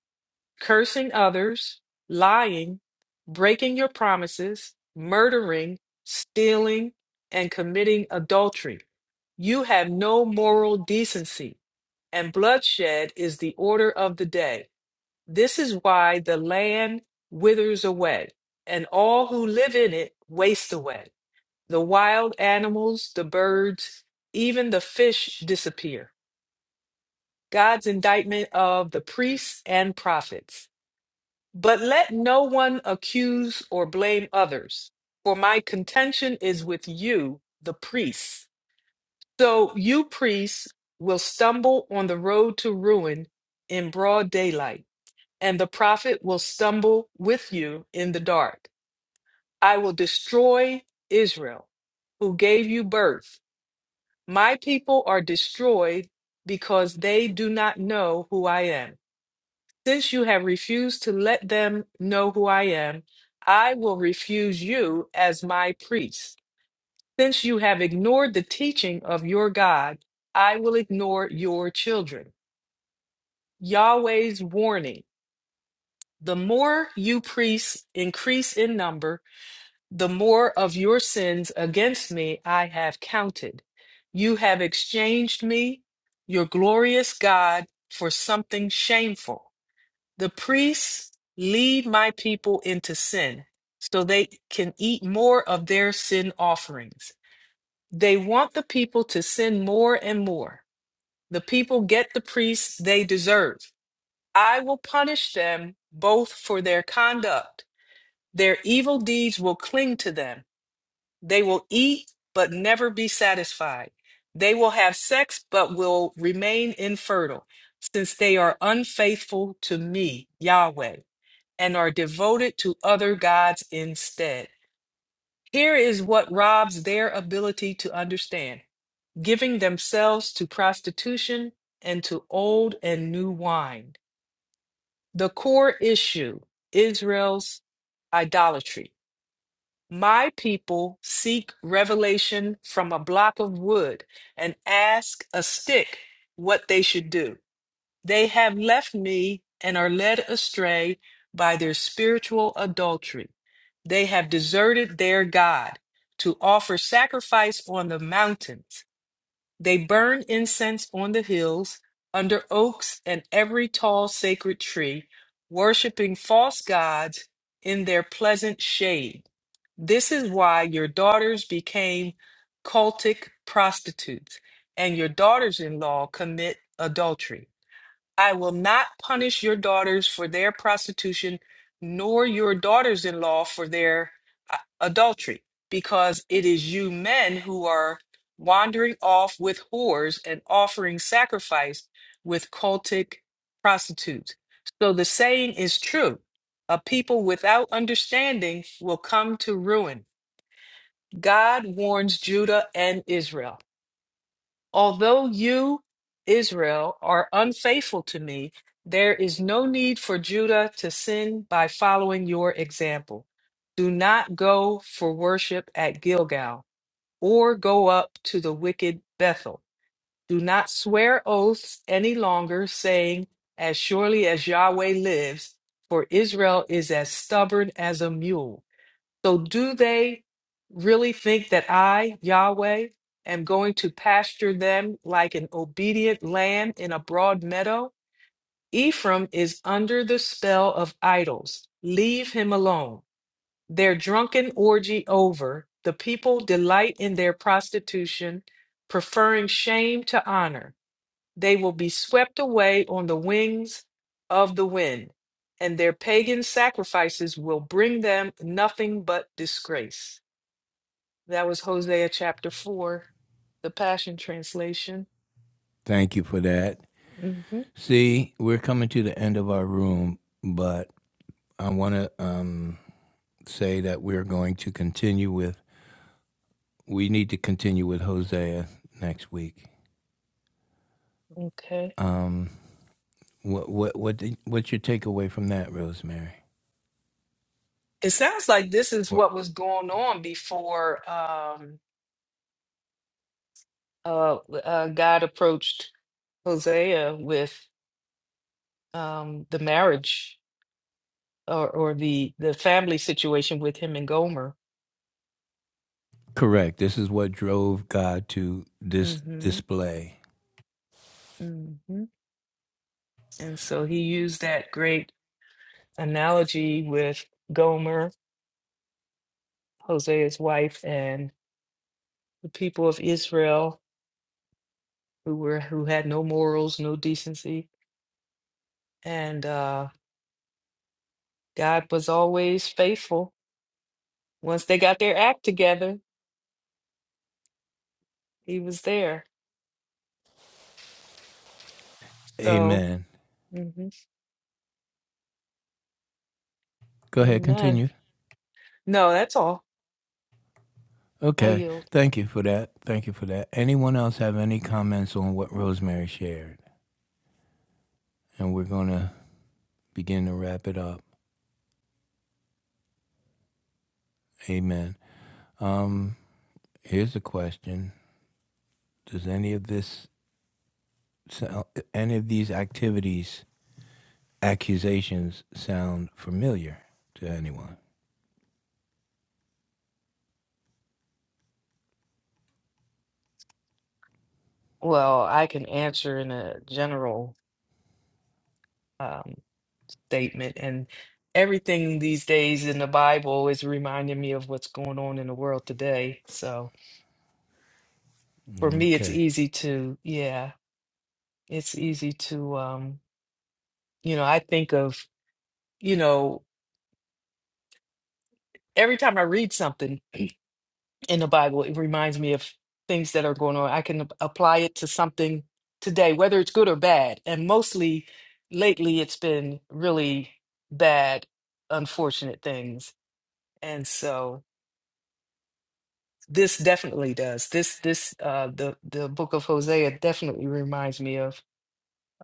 A: cursing others, lying, breaking your promises, murdering, stealing, and committing adultery. You have no moral decency and bloodshed is the order of the day. This is why the land withers away, and all who live in it waste away. The wild animals, the birds, even the fish disappear. God's indictment of the priests and prophets. But let no one accuse or blame others, for my contention is with you, the priests. So you priests will stumble on the road to ruin in broad daylight. and the prophet will stumble with you in the dark. I will destroy Israel, who gave you birth. My people are destroyed because they do not know who I am. Since you have refused to let them know who I am, I will refuse you as my priest. Since you have ignored the teaching of your God, I will ignore your children. Yahweh's warning the more you priests increase in number, The more of your sins against me I have counted. You have exchanged me, your glorious God, for something shameful. The priests lead my people into sin so they can eat more of their sin offerings. They want the people to sin more and more. The people get the priests they deserve. I will punish them both for their conduct. Their evil deeds will cling to them they will eat, but never be satisfied. They will have sex, but will remain infertile, since they are unfaithful to me, Yahweh, and are devoted to other gods instead. Here is what robs their ability to understand giving themselves to prostitution and to old and new wine. The core issue Israel's idolatry. My people seek revelation from a block of wood and ask a stick what they should do. They have left me and are led astray by their spiritual adultery. They have deserted their God to offer sacrifice on the mountains. They burn incense on the hills, under oaks and every tall sacred tree, worshiping false gods in their pleasant shade. This is why your daughters became cultic prostitutes, and your daughters in law commit adultery. I will not punish your daughters for their prostitution, nor your daughters in law for their uh, adultery, because it is you men who are wandering off with whores and offering sacrifice with cultic prostitutes. So the saying is true a people without understanding will come to ruin. God warns Judah and Israel. Although you, Israel, are unfaithful to me, there is no need for Judah to sin by following your example. Do not go for worship at Gilgal or go up to the wicked Bethel. Do not swear oaths any longer, saying, As surely as Yahweh lives, for Israel is as stubborn as a mule. So, do they really think that I, Yahweh, am going to pasture them like an obedient lamb in a broad meadow? Ephraim is under the spell of idols. Leave him alone. Their drunken orgy over, the people delight in their prostitution, preferring shame to honor. They will be swept away on the wings of the wind, and their pagan sacrifices will bring them nothing but disgrace. That was Hosea chapter 4, the Passion Translation.
B: Thank you for that.
A: hmm
B: See, we're coming to the end of our room, but I want to um, say that we're going to continue with. We need to continue with Hosea next week.
A: Okay.
B: Um, what what what what's your takeaway from that, Rosemary?
A: It sounds like this is
B: Or,
A: what was going on before um, uh, uh, God approached Hosea with um, the marriage or, or the, the family situation with him and Gomer.
B: correct. This is what drove God to this
A: hmm
B: display.
A: hmm And so he used that great analogy with Gomer, Hosea's wife, and the people of Israel who were who had no morals, no decency, and uh, God was always faithful. Once they got their act together, He was there. So,
B: Amen.
A: mhm,
B: Go ahead,
A: Amen.
B: continue.
A: No, that's all. I
B: Okay.
A: yield.
B: Thank you for that. Thank you for that. Anyone else have any comments on what Rosemary shared? And we're gonna begin to wrap it up. Amen. Um, here's a question: Does any of this so, any of these activities, accusations sound familiar to anyone?
A: Well, I can answer in a general um, statement, and everything these days in the Bible is reminding me of what's going on in the world today. So, for me, it's
B: Okay.
A: easy to, yeah, it's easy to, um, you know, I think of you know every time I read something in the Bible, it reminds me of things that are going on. I can apply it to something today, whether it's good or bad. And mostly lately, it's been really bad, unfortunate things. And so this definitely does. This this uh, the the book of Hosea definitely reminds me of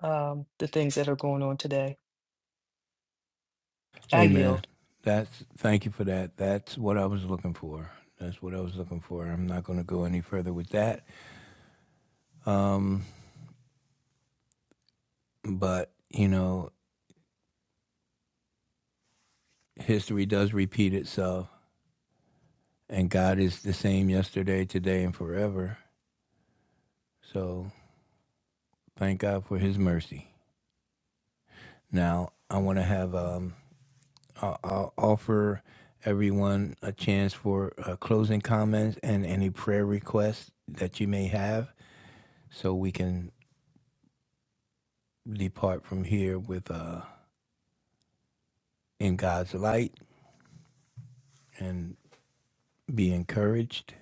A: um, the things that are going on today. I
B: Hey, man.
A: yield.
B: That's thank you for that. That's what I was looking for. That's what I was looking for. I'm not going to go any further with that. Um, but you know, history does repeat itself, and God is the same yesterday, today, and forever. So thank God for His mercy. Now I want to have um, I'll, I'll offer everyone a chance for uh, closing comments and any prayer requests that you may have so we can depart from here with uh, in God's light and be encouraged.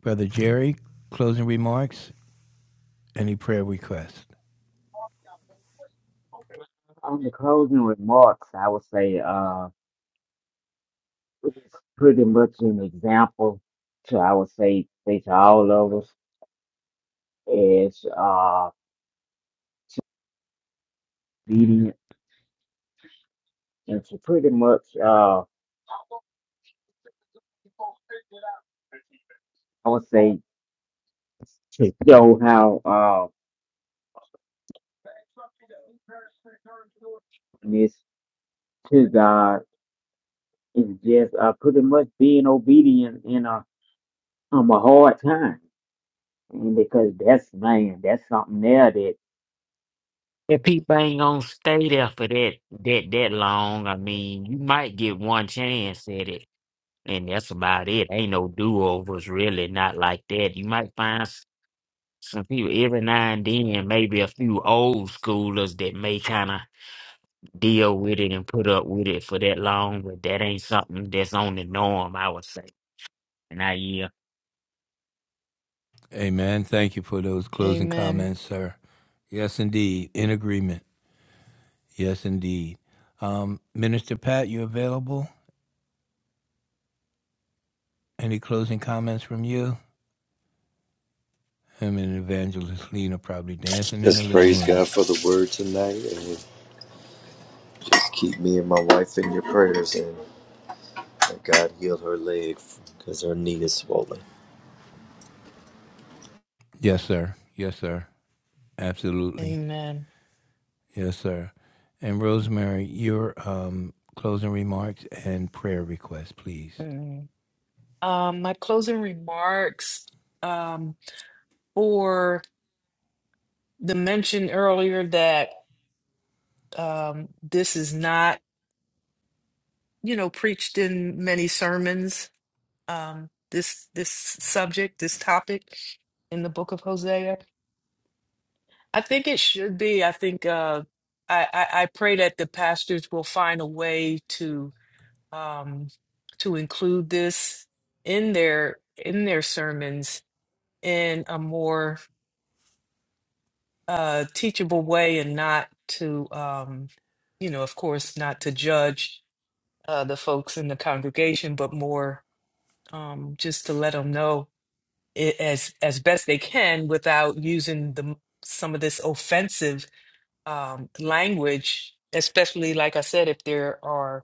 B: Brother Jerry, closing remarks, any prayer requests?
D: On the closing remarks, I would say uh, it's pretty much an example to, I would say, say to all of us is uh, obedient and to pretty much, uh, I would say, to show how. uh, This to God is just uh, pretty much being obedient in a um a hard time, and because that's man, that's something there that if people ain't gonna stay there for that that that long. I mean, you might get one chance at it, and that's about it. Ain't no do overs really, not like that. You might find s- some people every now and then, maybe a few old schoolers that may kind of deal with it and put up with it for that long, but that ain't something that's on the norm, I would say. And I yeah.
B: Amen. Thank you for those closing
A: Amen.
B: comments, sir. Yes, indeed. In agreement. Yes, indeed. Um, Minister Pat, you available? Any closing comments from you? Him and Evangelist Lena probably dancing in the
C: Just
B: living
C: praise
B: room.
C: God for the word tonight, and just keep me and my wife in your prayers. and. God healed her leg because her knee is swollen.
B: Yes, sir. Yes, sir. Absolutely.
A: Amen.
B: Yes, sir. And Rosemary, your um, closing remarks and prayer requests, please.
A: Mm. Um, my closing remarks. Um, for the mention earlier that um, this is not, you know, preached in many sermons. Um, this this subject, this topic in the book of Hosea, I think it should be. I think uh, I, I I pray that the pastors will find a way to um, to include this in their in their sermons in a more uh, teachable way, and not to um, you know, of course, not to judge uh, the folks in the congregation, but more um, just to let them know it, as as best they can without using the some of this offensive um, language, especially like I said, if there are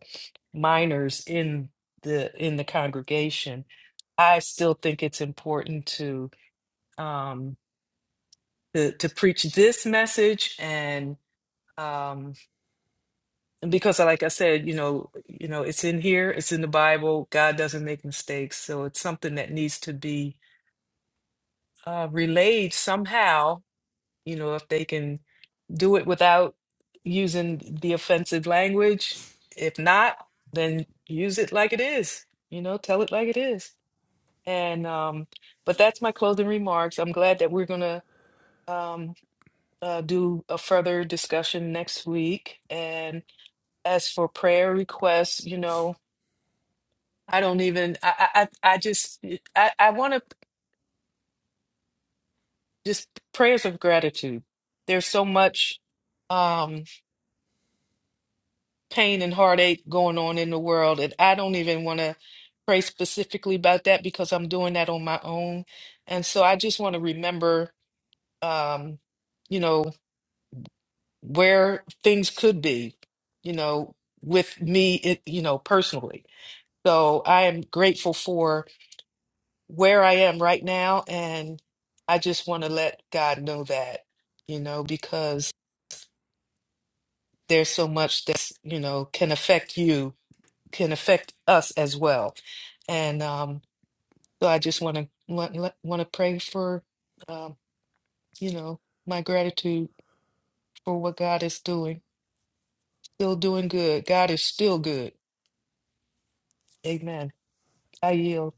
A: minors in the in the congregation. I still think it's important to um, to, to preach this message and um, And because, like I said, you know, you know, it's in here, it's in the Bible. God doesn't make mistakes, so it's something that needs to be uh, relayed somehow. You know, if they can do it without using the offensive language, if not, then use it like it is. You know, tell it like it is. And um, but that's my closing remarks. I'm glad that we're gonna um, uh, do a further discussion next week. And as for prayer requests, you know. I don't even, I, I, I I just, I, I want to just prayers of gratitude. There's so much um, pain and heartache going on in the world, and I don't even want to pray specifically about that because I'm doing that on my own. And so I just want to remember, um, you know, where things could be, you know, with me, it, you know, personally. So I am grateful for. where I am right now. And I just want to let God know that, you know, because there's so much that's, you know, can affect you, can affect us as well. And um, so I just want to want, want to pray for, um, you know, my gratitude for what God is doing. Still doing good. God is still good. Amen. I yield.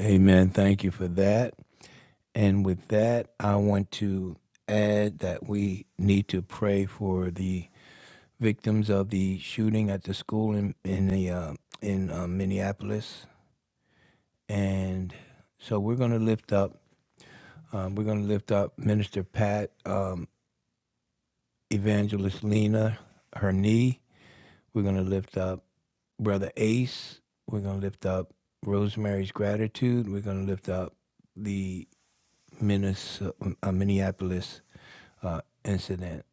B: Amen. Thank you for that. And with that, I want to add that we need to pray for the victims of the shooting at the school in in the uh, in uh, Minneapolis. And so we're going to lift up. Um, we're going to lift up Minister Pat, um, Evangelist Lena, her knee. We're going to lift up Brother Ace. We're going to lift up Rosemary's gratitude. We're going to lift up the Minnes- uh, Minneapolis uh, incident.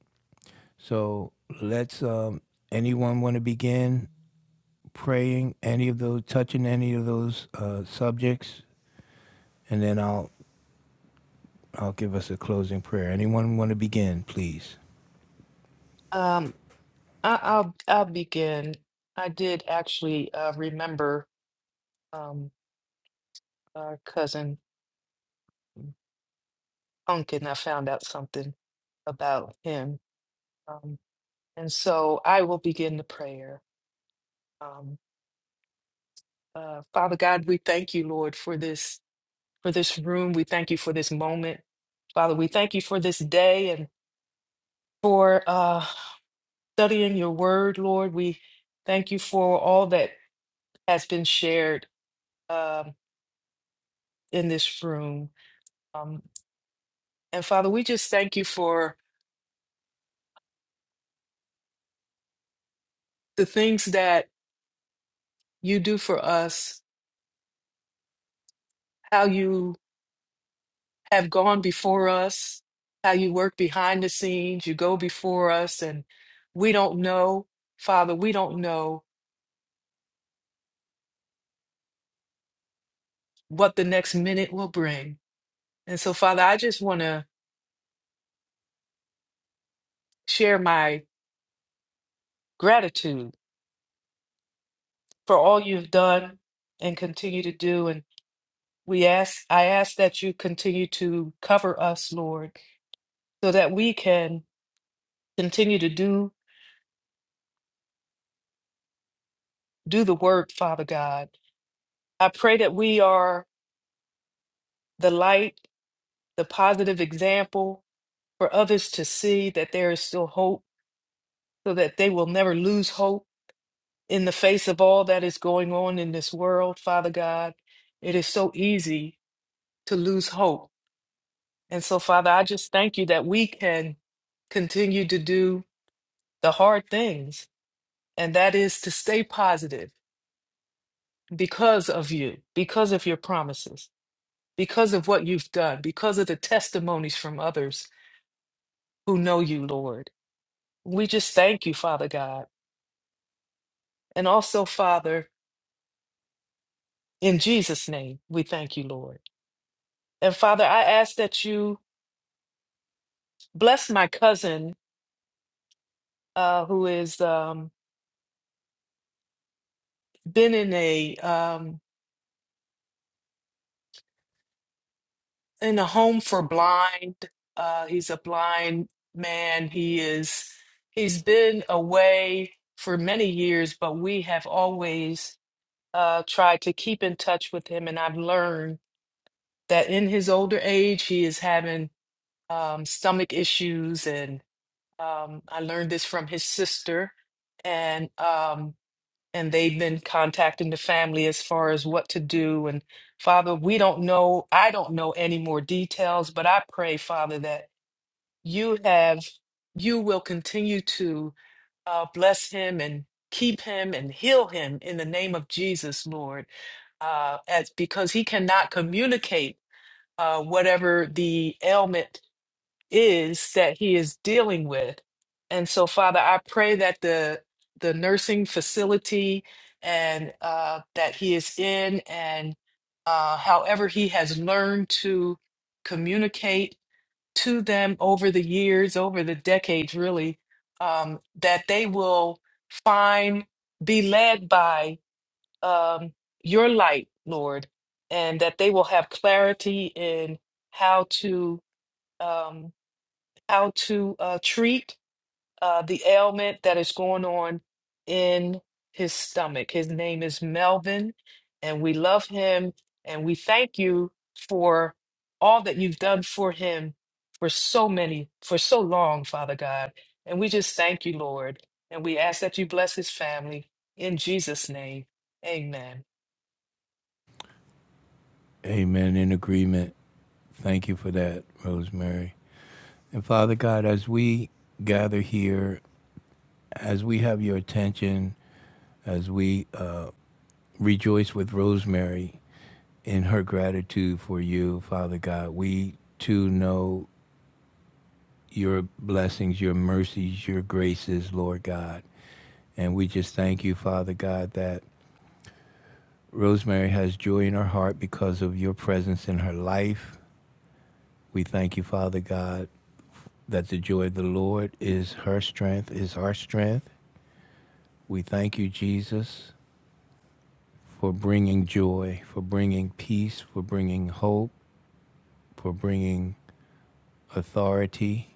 B: So let's, um, anyone want to begin praying any of those, touching any of those uh, subjects? And then I'll, I'll give us a closing prayer. Anyone want to begin, please?
A: Um, I, I'll I'll begin. I did actually uh, remember um, our cousin punk and I found out something about him. Um, and so I will begin the prayer. Um, uh, Father God, we thank you, Lord, for this for this room. We thank you for this moment, Father. We thank you for this day and for uh, studying your word, Lord. We thank you for all that has been shared um, in this room. Um, and Father, we just thank you for the things that you do for us, how you have gone before us, how you work behind the scenes, you go before us, and we don't know, Father, we don't know what the next minute will bring. And so, Father, I just want to share my gratitude for all you've done and continue to do. And we ask, I ask that you continue to cover us, Lord, so that we can continue to do do the work, Father God. I pray that we are the light, the positive example for others to see that there is still hope, so that they will never lose hope in the face of all that is going on in this world, Father God. It is so easy to lose hope. And so, Father, I just thank you that we can continue to do the hard things, and that is to stay positive because of you, because of your promises, because of what you've done, because of the testimonies from others who know you, Lord. We just thank you, Father God. And also, Father, In Jesus' name, we thank you, Lord. And Father, I ask that you bless my cousin uh, who has um, been in a um, in a home for blind. Uh, he's a blind man. He is he's been away for many years, but we have always uh, tried to keep in touch with him. And I've learned that in his older age, he is having um, stomach issues and. Um, I learned this from his sister, and um, and they've been contacting the family as far as what to do. And Father, we don't know. I don't know any more details, but I pray, Father, that you have, you will continue to uh, bless him and keep him and heal him in the name of Jesus, Lord, uh, as because he cannot communicate uh, whatever the ailment is that he is dealing with. And so, Father, I pray that the the nursing facility and uh, that he is in, and uh, however he has learned to communicate to them over the years, over the decades, really, um, that they will find, be led by um, your light, Lord, and that they will have clarity in how to. Um, how to uh, treat uh, the ailment that is going on in his stomach. His name is Melvin, and we love him and we thank you for all that you've done for him for so many, for so long, Father God. And we just thank you, Lord. And we ask that you bless his family in Jesus' name. Amen.
B: Amen. In agreement. Thank you for that, Rosemary. And Father God, as we gather here, as we have your attention, as we uh, rejoice with Rosemary in her gratitude for you, Father God, we too know your blessings, your mercies, your graces, Lord God. And we just thank you, Father God, that Rosemary has joy in her heart because of your presence in her life. We thank you, Father God, that the joy of the Lord is her strength, is our strength. We thank you, Jesus, for bringing joy, for bringing peace, for bringing hope, for bringing authority.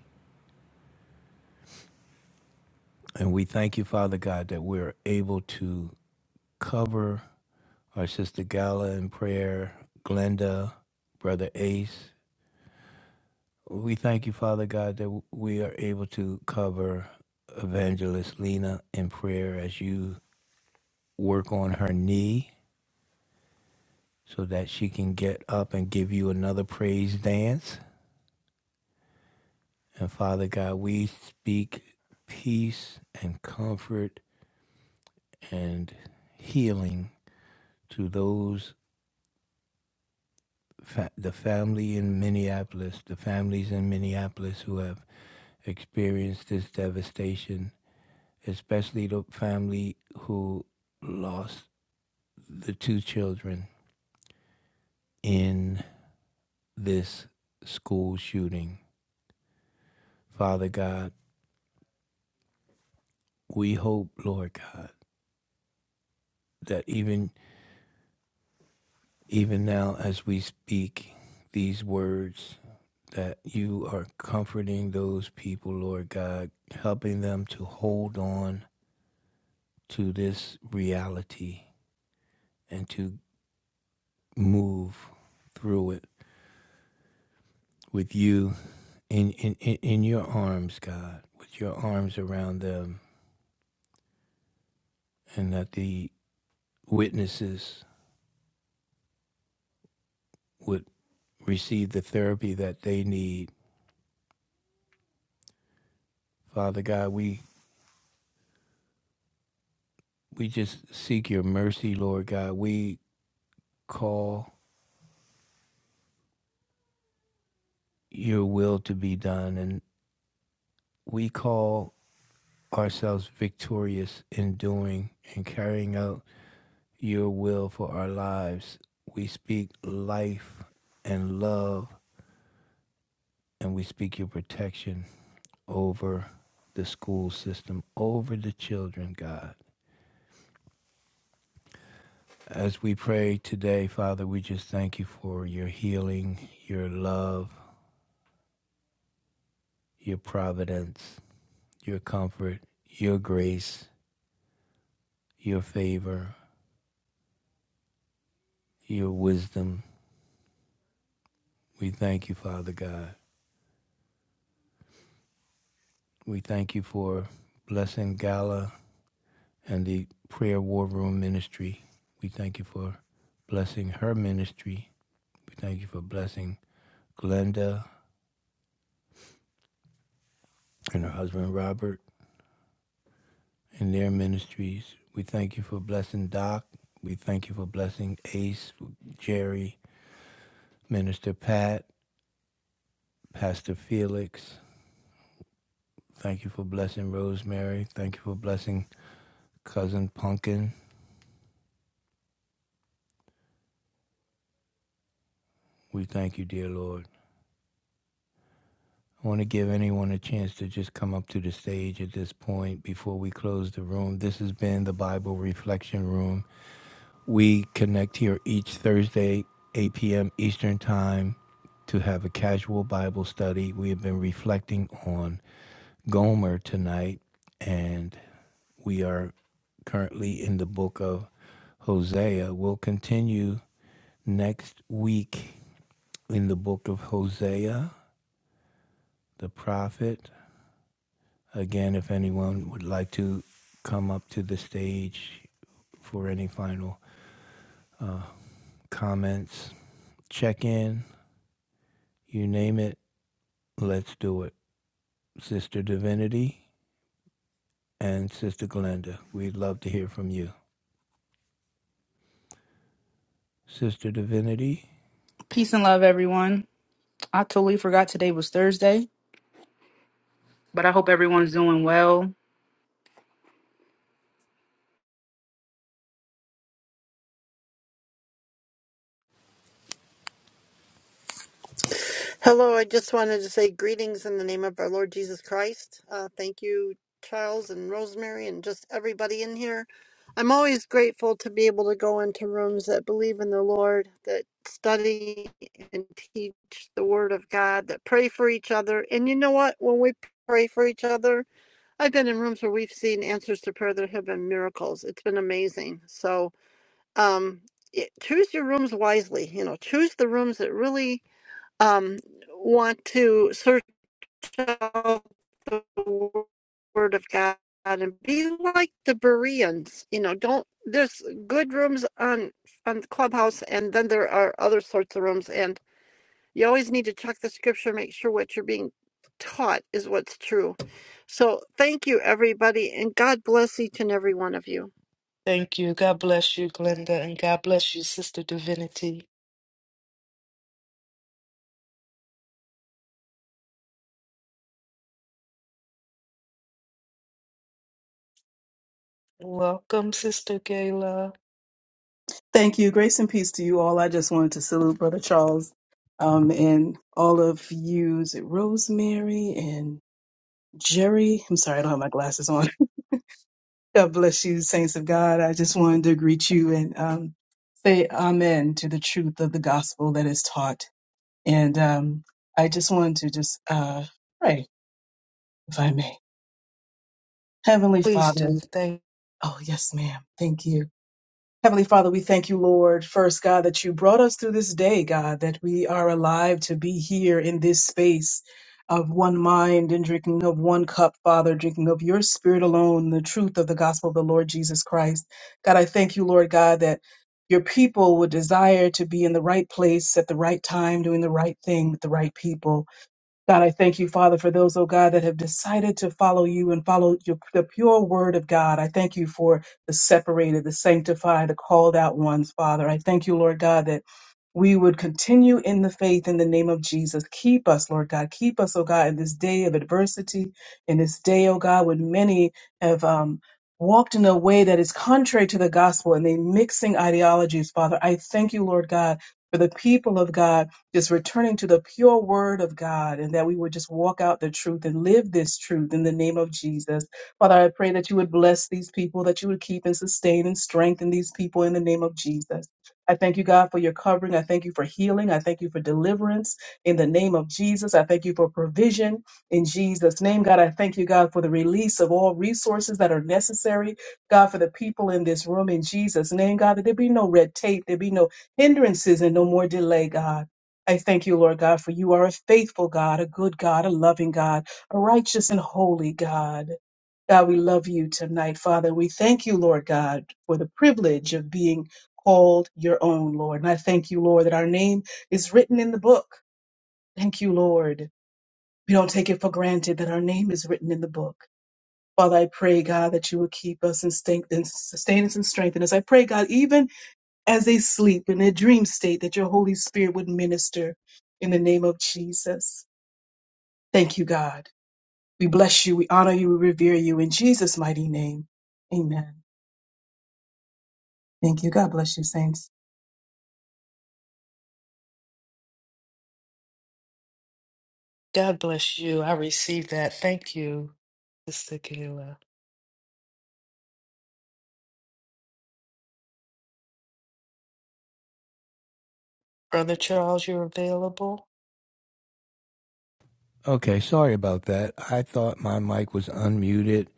B: And we thank you, Father God, that we're able to cover our sister Gala in prayer, Glenda, Brother Ace. We thank you, Father God, that we are able to cover Evangelist Lena in prayer as you work on her knee so that she can get up and give you another praise dance. And Father God, we speak peace and comfort and healing to those, fa- the family in Minneapolis, the families in Minneapolis who have experienced this devastation, especially the family who lost the two children in this school shooting. Father God, we hope, Lord God, that even Even now, as we speak these words, that you are comforting those people, Lord God, helping them to hold on to this reality and to move through it with you in, in, in, your arms, God, with your arms around them, and that the witnesses would receive the therapy that they need. Father God, we we just seek your mercy, Lord God. We call your will to be done, and we call ourselves victorious in doing and carrying out your will for our lives. We speak life and love, and we speak your protection over the school system, over the children, God. As we pray today, Father, we just thank you for your healing, your love, your providence, your comfort, your grace, your favor, your wisdom. We thank you, Father God. We thank you for blessing Gala and the Prayer War Room ministry. We thank you for blessing her ministry. We thank you for blessing Glenda and her husband Robert and their ministries. We thank you for blessing Doc. We thank you for blessing Ace, Jerry, Minister Pat, Pastor Felix. Thank you for blessing Rosemary. Thank you for blessing Cousin Punkin. We thank you, dear Lord. I want to give anyone a chance to just come up to the stage at this point before we close the room. This has been the Bible Reflection Room. We connect here each Thursday, 8 p.m. Eastern Time, to have a casual Bible study. We have been reflecting on Gomer tonight, and we are currently in the book of Hosea. We'll continue next week in the book of Hosea. the prophet. Again, if anyone would like to come up to the stage for any final comments, check in, you name it, let's do it. Sister Divinity and Sister Glenda, we'd love to hear from you. Sister Divinity?
E: Peace and love, everyone. I totally forgot today was Thursday, but I hope everyone's doing well.
F: Hello, I just wanted to say greetings in the name of our Lord Jesus Christ. Uh, thank you, Charles and Rosemary, and just everybody in here. I'm always grateful to be able to go into rooms that believe in the Lord, that study and teach the Word of God, that pray for each other. And you know what? When we pray for each other, I've been in rooms where we've seen answers to prayer that have been miracles. It's been amazing. So, um, it, choose your rooms wisely. You know, choose the rooms that really um, want to search out the Word of God and be like the Bereans. You know, don't there's good rooms on on Clubhouse, and then there are other sorts of rooms, and you always need to check the Scripture, make sure what you're being taught is what's true. So, thank you, everybody, and God bless each and every one of you.
A: Thank you. God bless you, Glenda, and God bless you, Sister Divinity. Welcome, Sister Gayla.
G: Thank you. Grace and peace to you all. I just wanted to salute Brother Charles um, and all of you, Is it Rosemary and Jerry. I'm sorry, I don't have my glasses on. God bless you, saints of God. I just wanted to greet you and um, say amen to the truth of the gospel that is taught. And um, I just wanted to just uh, pray, if I may. Heavenly
A: Please
G: Father,
A: do. Thank
G: oh, yes, ma'am. Thank you. Heavenly Father, we thank you, Lord, first, God, that you brought us through this day, God, that we are alive to be here in this space of one mind and drinking of one cup, Father, drinking of your spirit alone, the truth of the gospel of the Lord Jesus Christ. God, I thank you, Lord God, that your people would desire to be in the right place at the right time, doing the right thing with the right people. God, I thank you, Father, for those, oh God, that have decided to follow you and follow your, the pure word of God. I thank you for the separated, the sanctified, the called out ones, Father. I thank you, Lord God, that we would continue in the faith in the name of Jesus. Keep us, Lord God. Keep us, oh God, in this day of adversity, in this day, oh God, when many have um, walked in a way that is contrary to the gospel and they mixing ideologies, Father. I thank you, Lord God. For the people of God, just returning to the pure word of God, and that we would just walk out the truth and live this truth in the name of Jesus. Father, I pray that you would bless these people, that you would keep and sustain and strengthen these people in the name of Jesus. I thank you, God, for your covering. I thank you for healing. I thank you for deliverance in the name of Jesus. I thank you for provision in Jesus' name. God, I thank you, God, for the release of all resources that are necessary. God, for the people in this room in Jesus' name, God, that there be no red tape, there be no hindrances and no more delay, God. I thank you, Lord God, for you are a faithful God, a good God, a loving God, a righteous and holy God. God, we love you tonight, Father. We thank you, Lord God, for the privilege of being called your own, Lord. And I thank you, Lord, that our name is written in the book. Thank you, Lord. We don't take it for granted that our name is written in the book. Father, I pray, God, that you will keep us and, stain- and sustain us and strengthen us. I pray, God, even as they sleep in their dream state, that your Holy Spirit would minister in the name of Jesus. Thank you, God. We bless you, we honor you, we revere you in Jesus' mighty name. Amen. Thank you. God bless you, saints.
A: God bless you. I received that. Thank you, Sister Kayla. Brother Charles, you're available?
B: Okay, sorry about that. I thought my mic was unmuted.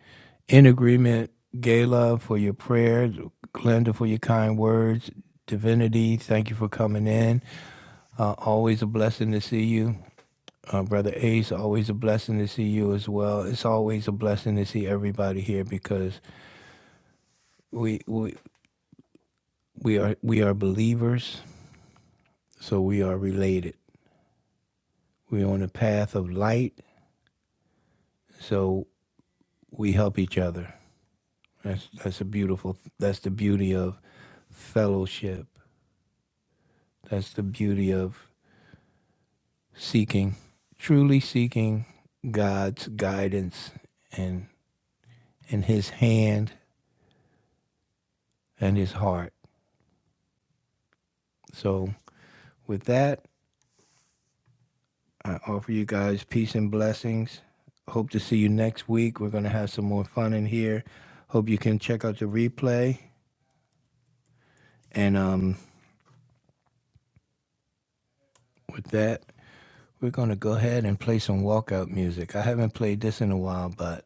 B: In agreement, Gala, for your prayers, Glenda, for your kind words, Divinity, thank you for coming in. Uh, always a blessing to see you. Uh, Brother Ace, always a blessing to see you as well. It's always a blessing to see everybody here because we we, we are we are believers, so we are related. We're on a path of light, so we help each other. That's that's a beautiful that's the beauty of fellowship. That's the beauty of seeking, truly seeking God's guidance and in his hand and his heart. So with that, I offer you guys peace and blessings. Hope to see you next week. We're going to have some more fun in here. Hope you can check out the replay. And um, with that, we're going to go ahead and play some walkout music. I haven't played this in a while, but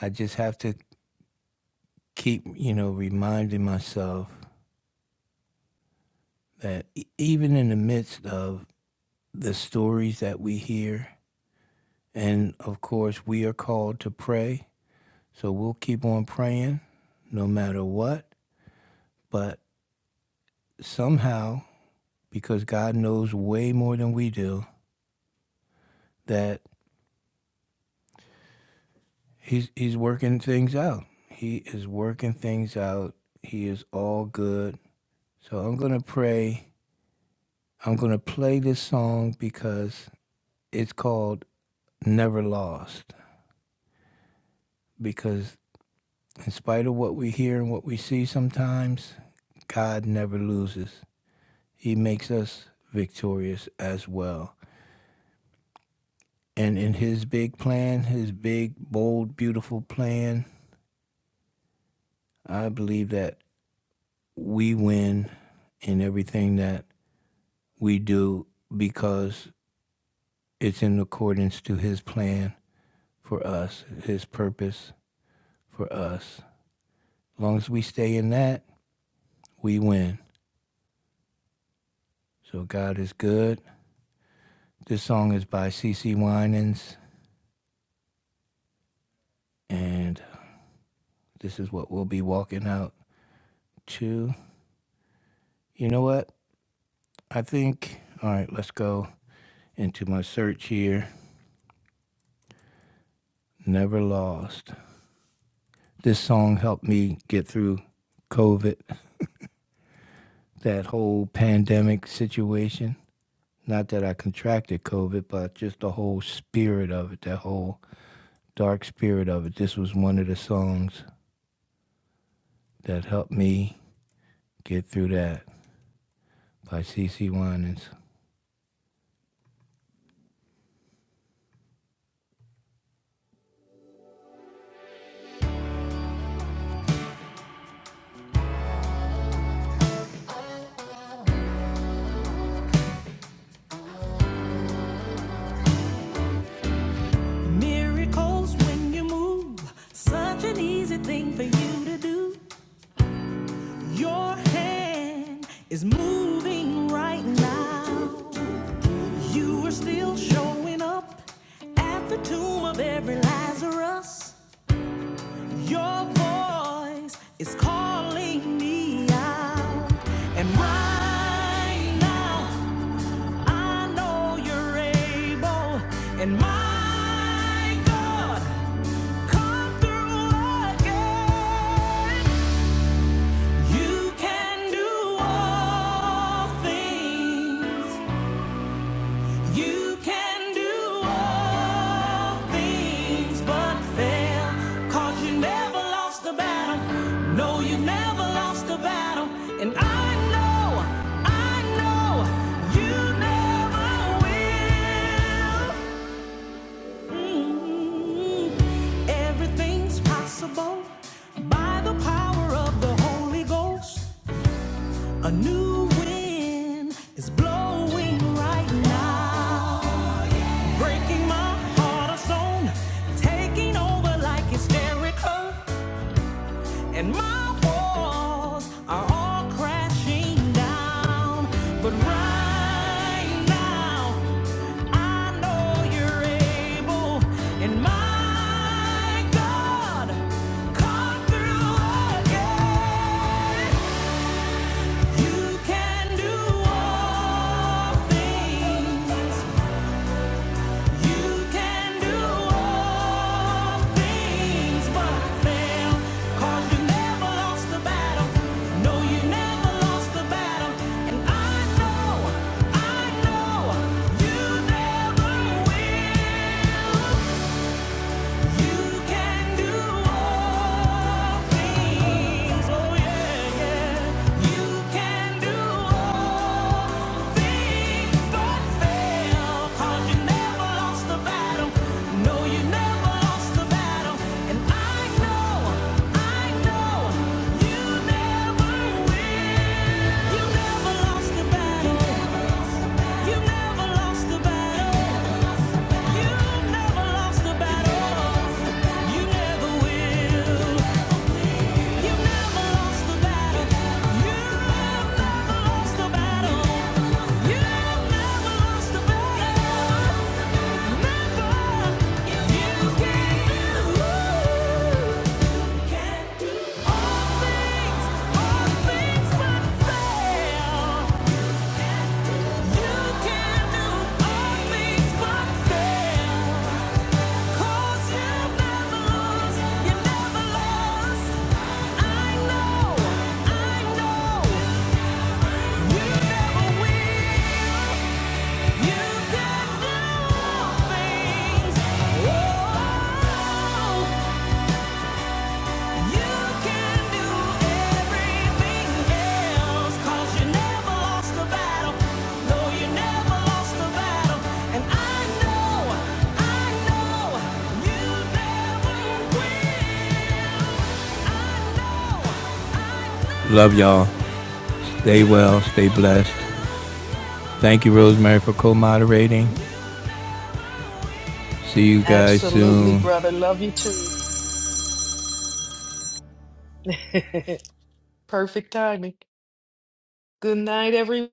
B: I just have to keep, you know, reminding myself that e- even in the midst of the stories that we hear, and of course, we are called to pray. So we'll keep on praying no matter what. But somehow, because God knows way more than we do, that he's he's working things out. He is working things out. He is all good. So I'm going to pray. I'm going to play this song because it's called Never Lost because in spite of what we hear and what we see sometimes, God never loses. He makes us victorious as well. And in his big plan, his big, bold, beautiful plan, I believe that we win in everything that we do because it's in accordance to his plan for us, his purpose for us. As long as we stay in that, we win. So God is good. This song is by C. C. Winans, and this is what we'll be walking out to. You know what? I think, all right, let's go into my search here. Never Lost. This song helped me get through COVID, that whole pandemic situation. Not that I contracted COVID, but just the whole spirit of it, that whole dark spirit of it. This was one of the songs that helped me get through that by C. C. Winans. Such an easy thing for you to do. Your hand is moving right now. You were still showing up at the tomb of every Lazarus. Your voice is calling me out. And right now, I know you're able. And my God, come through again. You can do all things. You can do all things but fail. you never lost the battle. No, you never lost the battle. And I know, I know, you never will. Mm. Everything's possible by the power of the Holy Ghost. A new wind is blowing right now breaking my heart of stone, taking over like hysterical, and my walls are all crashing down. But right now, I know you're able, and my God, come through again. You can do all things. You can do all things but fail. 'Cause you never lost the battle. No, you never lost the battle. And I know, I know, you never will. No, you never lost the battle. You never will. You never lost the battle. You never lost the battle. You never lost the battle. Never. You can do. can do all things, all things but fail. You can do all things but fail. 'Cause you never lost, you never lost. I know, I know. You never win. You can do all things. Oh, you can do everything else. 'Cause you never lost the battle. No, you never lost the battle. And I know, I know, you never win. Love y'all. Stay well. Stay blessed. Thank you, Rosemary, for co moderating. See you guys
A: Absolutely,
B: soon.
A: brother. Love you too. Perfect timing. Good night, everyone.